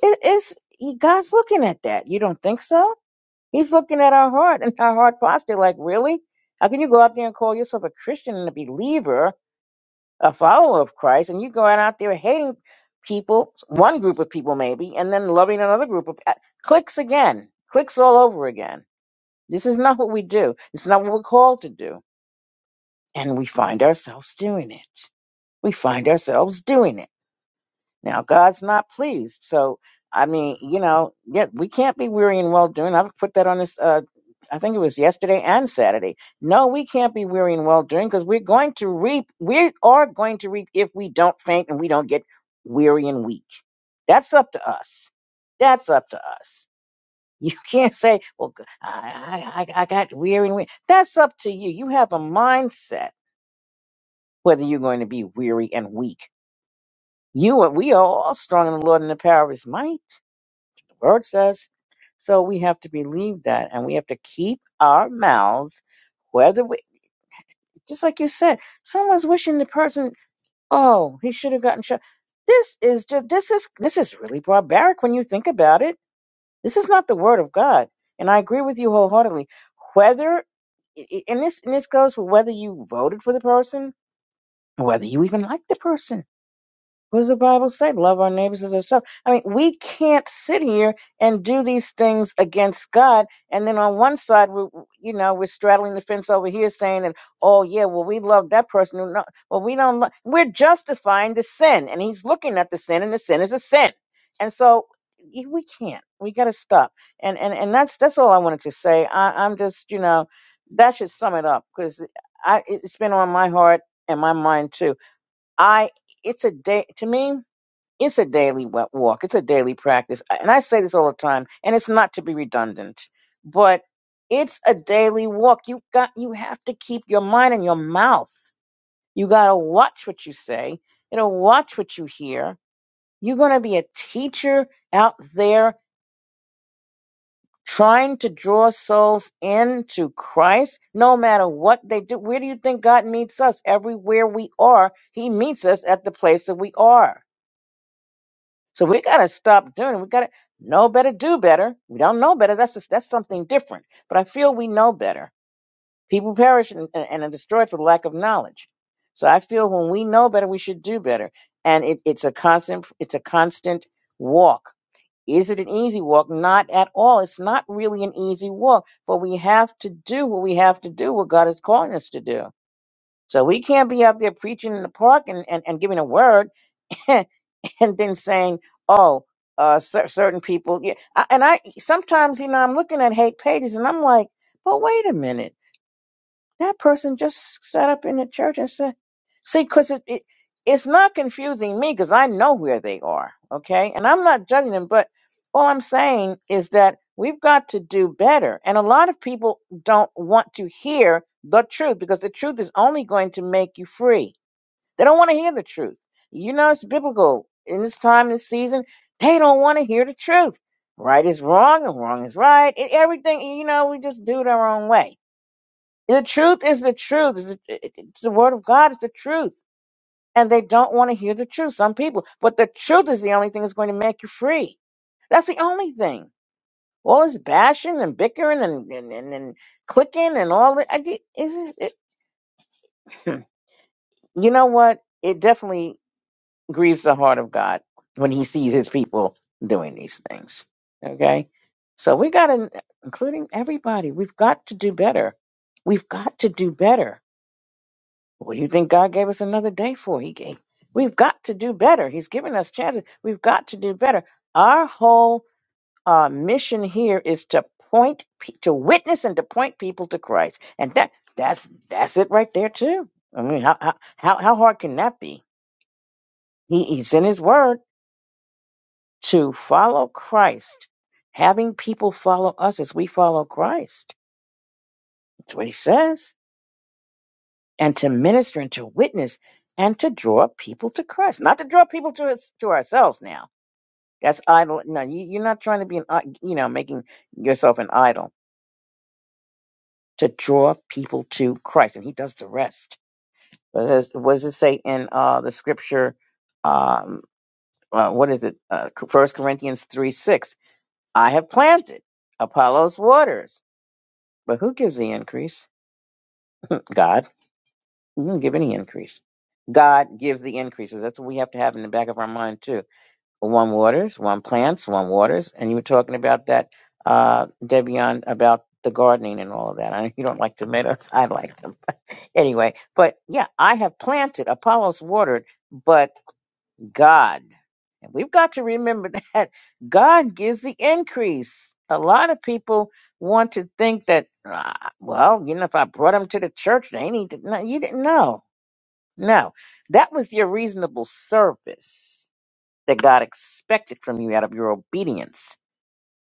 S7: It is God's looking at that. You don't think so? He's looking at our heart and our heart posture. Like, really? How can you go out there and call yourself a Christian and a believer, a follower of Christ, and you go out there hating people, one group of people maybe, and then loving another group of uh, clicks again, clicks all over again. This is not what we do. It's not what we're called to do, and we find ourselves doing it. We find ourselves doing it Now God's not pleased. So I mean, you know, yeah, we can't be weary and well doing. I put that on this. Uh, I think it was yesterday and Saturday. No, we can't be weary and well doing because we're going to reap. We are going to reap if we don't faint and we don't get weary and weak. That's up to us. That's up to us. You can't say, "Well, g- I, I, I I got weary and weak." That's up to you. You have a mindset whether you're going to be weary and weak. You, are- we are all strong in the Lord and the power of His might. Word says. So we have to believe that and we have to keep our mouths, whether we, just like you said, someone's wishing the person, oh, he should have gotten shot. This is just, this is, this is really barbaric when you think about it. This is not the word of God. And I agree with you wholeheartedly. Whether, and this, and this goes for whether you voted for the person, whether you even like the person what does the Bible say? Love our neighbors as ourselves. I mean, we can't sit here and do these things against God. And then on one side, we, you know, we're straddling the fence over here, saying that, oh yeah, well we love that person. who No, well we don't. Lo-. We're justifying the sin, and He's looking at the sin, and the sin is a sin. And so y- we can't. We got to stop. And and and that's that's all I wanted to say. I, I'm just, you know, that should sum it up because I it- it's been on my heart and my mind too I it's a day to me. It's a daily wa- walk. It's a daily practice, and I say this all the time. And it's not to be redundant, but it's a daily walk. You got you have to keep your mind in your mouth. You gotta watch what you say. You know, watch what you hear. You're gonna be a teacher out there trying to draw souls into Christ, no matter what they do. Where do you think God meets us? Everywhere we are, He meets us at the place that we are So we gotta stop doing it. We gotta know better, do better. We don't know better. That's just, that's something different. But I feel we know better. People perish and, and, and are destroyed for lack of knowledge. So I feel when we know better, we should do better. And it, it's a constant it's a constant walk. Is it an easy walk? Not at all. It's not really an easy walk, but we have to do what we have to do, what God is calling us to do. So we can't be out there preaching in the park and, and, and giving a word and then saying, "Oh, uh, cer- certain people." Yeah, I, and I sometimes, you know, I'm looking at hate pages, and I'm like, "But wait a minute, that person just sat up in the church and said, see, because it, it it's not confusing me because I know where they are, okay, and I'm not judging them, but all I'm saying is that we've got to do better, and a lot of people don't want to hear the truth because the truth is only going to make you free they don't want to hear the truth. You know, it's biblical. In this time, this season, they don't want to hear the truth. Right is wrong and wrong is right. And everything, you know, we just do it our own way. The truth is the truth. It's the, it- it's the word of God. It's the truth. And they don't want to hear the truth, some people. But the truth is the only thing that's going to make you free. That's the only thing. All this bashing and bickering and, and, and, and clicking and all that. I, did- is it, it, you know what? It definitely grieves the heart of God when he sees his people doing these things. Okay? So we got to, including everybody, we've got to do better. We've got to do better. What do you think God gave us another day for? He gave. We've got to do better. He's given us chances. We've got to do better. Our whole uh, mission here is to point, pe- to witness, and to point people to Christ, and that that's that's it right there too. I mean, how how how how hard can that be? He, he's in His Word. to follow Christ, having people follow us as we follow Christ. That's what he says. And to minister and to witness and to draw people to Christ, not to draw people to us to ourselves. Now that's idol. No, you, you're not trying to be an i- you know making yourself an idol to draw people to Christ, and he does the rest. What does, what does it say in uh, the scripture? Um, uh, what is it? Uh, First Corinthians three six. I have planted, Apollos waters But who gives the increase? God. He doesn't give any increase. God gives the increases. That's what we have to have in the back of our mind too. One waters, one plants, one waters. And you were talking about that, uh, Debian, about the gardening and all of that. I know you don't like tomatoes. I like them. anyway, but yeah, I have planted. Apollos watered, but God. And we've got to remember that God gives the increase. A lot of people want to think that, "Ah, well, you know, if I brought them to the church, they need to. No, you didn't know. No, that was your reasonable service that God expected from you out of your obedience.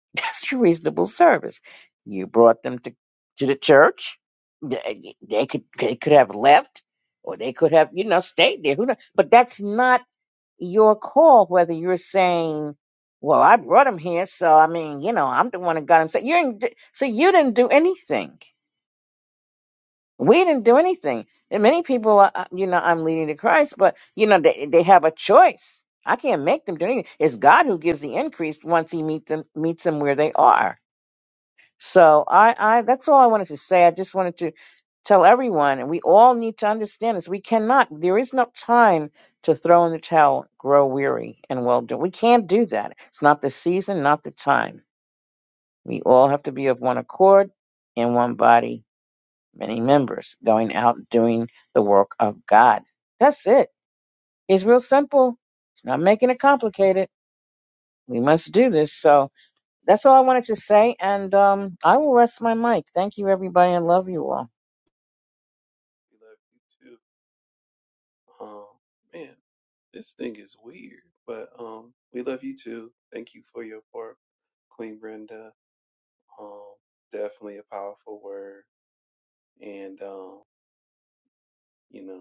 S7: That's your reasonable service. You brought them to, to the church. They, they could they could have left, or they could have you know stayed there. Who knows? But that's not your call whether you're saying, "Well, I brought him here, so I mean, you know, I'm the one that got him." So you didn't, d- so you didn't do anything. We didn't do anything. And many people, are, uh, you know, I'm leading to Christ, but you know, they they have a choice. I can't make them do anything. It's God who gives the increase once He meets them meets them where they are. So I, I that's all I wanted to say. I just wanted to tell everyone, and we all need to understand this. We cannot. There is no time to throw in the towel, grow weary, and well done. We can't do that. It's not the season, not the time. We all have to be of one accord, in one body, many members, going out doing the work of God. That's it. It's real simple. It's not making it complicated. We must do this. So that's all I wanted to say, and um, I will rest my mic. Thank you, everybody. I love you all.
S3: We love you too. Um, man, this thing is weird, but um, we love you too. Thank you for your part, Queen Brenda. Um, definitely a powerful word, and um, you know.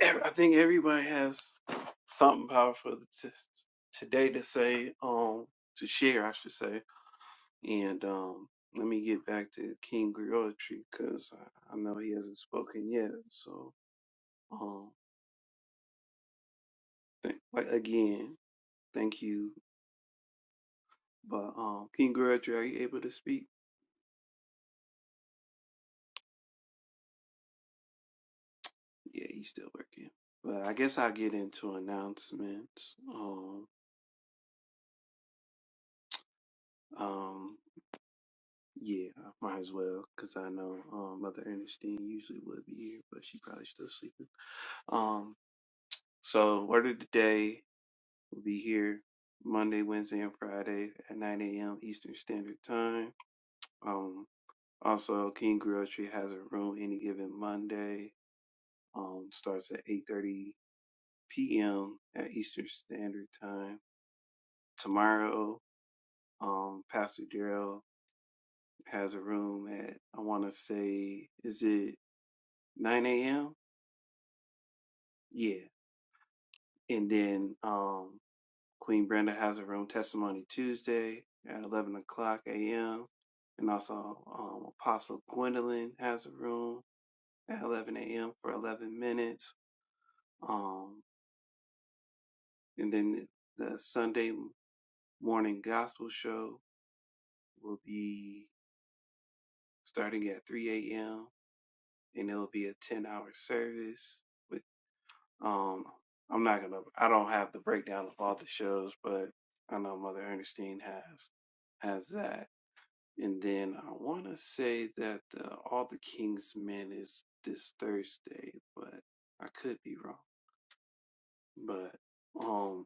S3: ev- I think everybody has something powerful to, today to say, um, to share, I should say. And um, let me get back to King Griotry because I, I know he hasn't spoken yet. So, um, th- like again, thank you. But um, King Griotry, are you able to speak? Yeah, he's still working. But I guess I'll get into announcements. Um, um, Yeah, I might as well, cause I know um, Mother Ernestine usually would be here, but she probably still sleeping. Um, so word of the day will be here Monday, Wednesday, and Friday at 9 a.m. Eastern Standard Time. Um, also, King Grocery has a room any given Monday. Um, starts at 8:30 p.m. at Eastern Standard Time. Tomorrow, um, Pastor Darrell has a room at I want to say is it 9 a.m. Yeah. And then um, Queen Brenda has her own testimony Tuesday at 11 o'clock a.m. And also um, Apostle Gwendolyn has a room at 11 a.m. for 11 minutes. Um, and then the, the Sunday morning gospel show will be starting at 3 a.m. and it'll be a 10 hour service. with. Um, I'm not gonna. I don't have the breakdown of all the shows, but I know Mother Ernestine has has that. And then I want to say that the, all the King's Men is this Thursday, but I could be wrong. But um,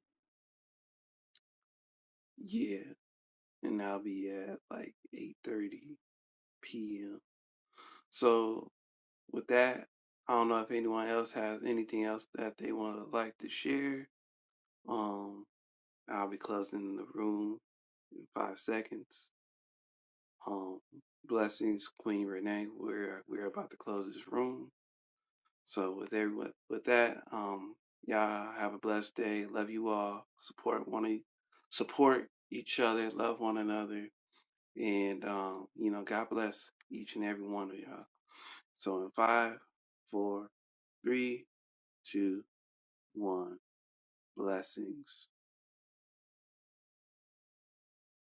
S3: yeah, and I'll be at like 8:30 p.m. So with that, I don't know if anyone else has anything else that they want to like to share. Um. I'll be closing the room in five seconds. Um, blessings, Queen Renee. We're we're about to close this room. So with everyone, with that, um, y'all have a blessed day. Love you all. Support one e- support each other. Love one another. And um, you know, God bless each and every one of y'all. So in five, four, three, two, one. Blessings.